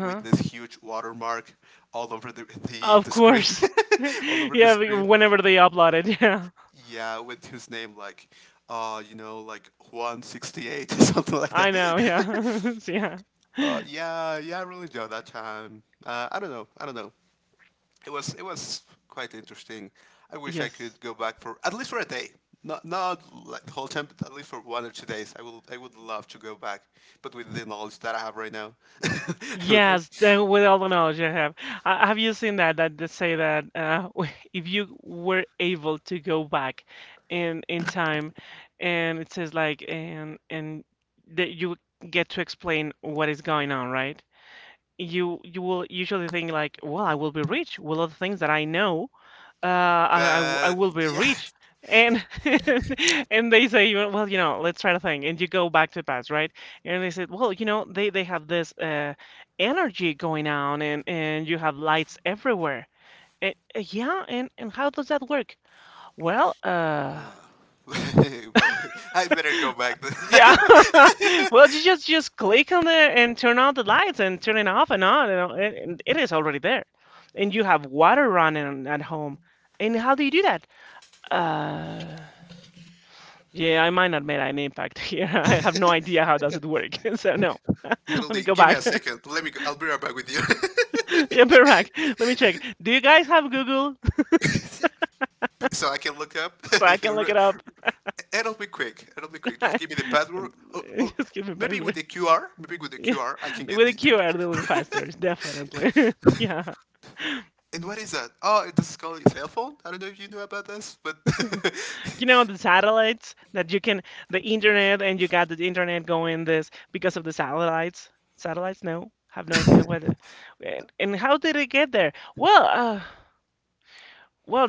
Speaker 2: with this huge watermark all over the the,
Speaker 1: Of
Speaker 2: the screen,
Speaker 1: course.
Speaker 2: all over the
Speaker 1: Yeah,
Speaker 2: screen.
Speaker 1: whenever they upload it, yeah.
Speaker 2: Yeah, with his name like, like 168 or something like that.
Speaker 1: I know, yeah. Yeah.
Speaker 2: Yeah, yeah, I really enjoyed that time. I don't know, I don't know. It was quite interesting. I wish I could
Speaker 1: Yes.
Speaker 2: go back for at least for a day. Not like the whole time, but at least for one or two days. I would love to go back, but with the knowledge that I have right now, I would love.
Speaker 1: Yes, then with all the knowledge I have you seen that that they say that if you were able to go back in time, and it says like and that you get to explain what is going on, right? You will usually think like, well, I will be rich with all the things that I know I
Speaker 2: But
Speaker 1: will be
Speaker 2: yeah,
Speaker 1: rich. And and they say, you well, you know, let's try to think. And you go back to the past, right? And they said, well, you know, they have this energy going on and you have lights everywhere. Yeah, and how does that work? Well,
Speaker 2: Uh, well, I better go back then.
Speaker 1: yeah. Well, you just click on the and turn on the lights and turn it off and on and and it is already there. And you have water running at home. And how do you do that? Uh Yeah, I might not make an impact here. I have no idea how does it work. So no. Let me
Speaker 2: Literally,
Speaker 1: go
Speaker 2: give me a
Speaker 1: back.
Speaker 2: second. Let me. Go. I'll be right back with you,
Speaker 1: Yeah, we're back. Let me check. Do you guys have Google
Speaker 2: so I can look up.
Speaker 1: so I can
Speaker 2: Re-
Speaker 1: look it up?
Speaker 2: It'll be quick. It'll be quick. Just give me the password, or
Speaker 1: Just give me
Speaker 2: maybe with
Speaker 1: password.
Speaker 2: the QR. Maybe with the
Speaker 1: Yeah,
Speaker 2: QR, I can get
Speaker 1: with a
Speaker 2: the.
Speaker 1: QR, they'll be
Speaker 2: the...
Speaker 1: faster, definitely. Yeah,
Speaker 2: and what is that? Oh, this is called a cell phone. I don't know if you knew about this, but
Speaker 1: you know the satellites that you can, the internet, and you got the internet going this because of the satellites. Satellites? No, have no idea whether. And how did it get there? Well, well,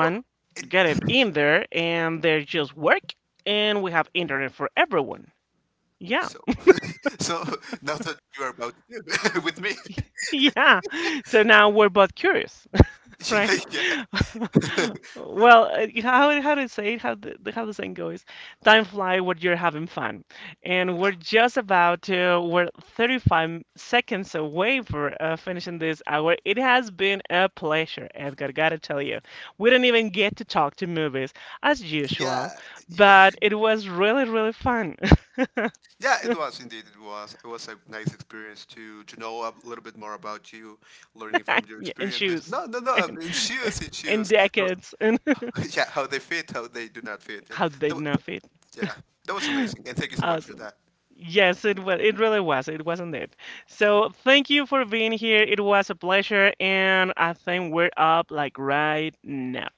Speaker 2: well, it,
Speaker 1: got it in there, and they just work, and we have internet for everyone. Yeah,
Speaker 2: so so now that you are about to do with me,
Speaker 1: yeah. So now we're both curious.
Speaker 2: yeah,
Speaker 1: Right?
Speaker 2: yeah,
Speaker 1: Well, how to say it? How how the saying goes? Time fly when you're having fun, and we're just about to we're 35 seconds away for finishing this hour. It has been a pleasure, Edgar. Gotta tell you, we didn't even get to talk to movies as
Speaker 2: yeah,
Speaker 1: usual,
Speaker 2: yeah.
Speaker 1: but it was really really fun.
Speaker 2: Yeah, it was indeed. It was. It was a nice experience to know a little bit more about you, learning from your
Speaker 1: Yeah, and
Speaker 2: experiences.
Speaker 1: shoes
Speaker 2: No, no, no.
Speaker 1: and
Speaker 2: In shoes, in
Speaker 1: and
Speaker 2: shoes. How,
Speaker 1: decades and
Speaker 2: yeah, how they fit, how they do not fit, and
Speaker 1: how did they
Speaker 2: that was,
Speaker 1: not fit?
Speaker 2: yeah, that was amazing. And thank you so much for
Speaker 1: Awesome.
Speaker 2: that.
Speaker 1: Yes, it was. It really was. It wasn't it. So thank you for being here. It was a pleasure, and I think we're up like right now.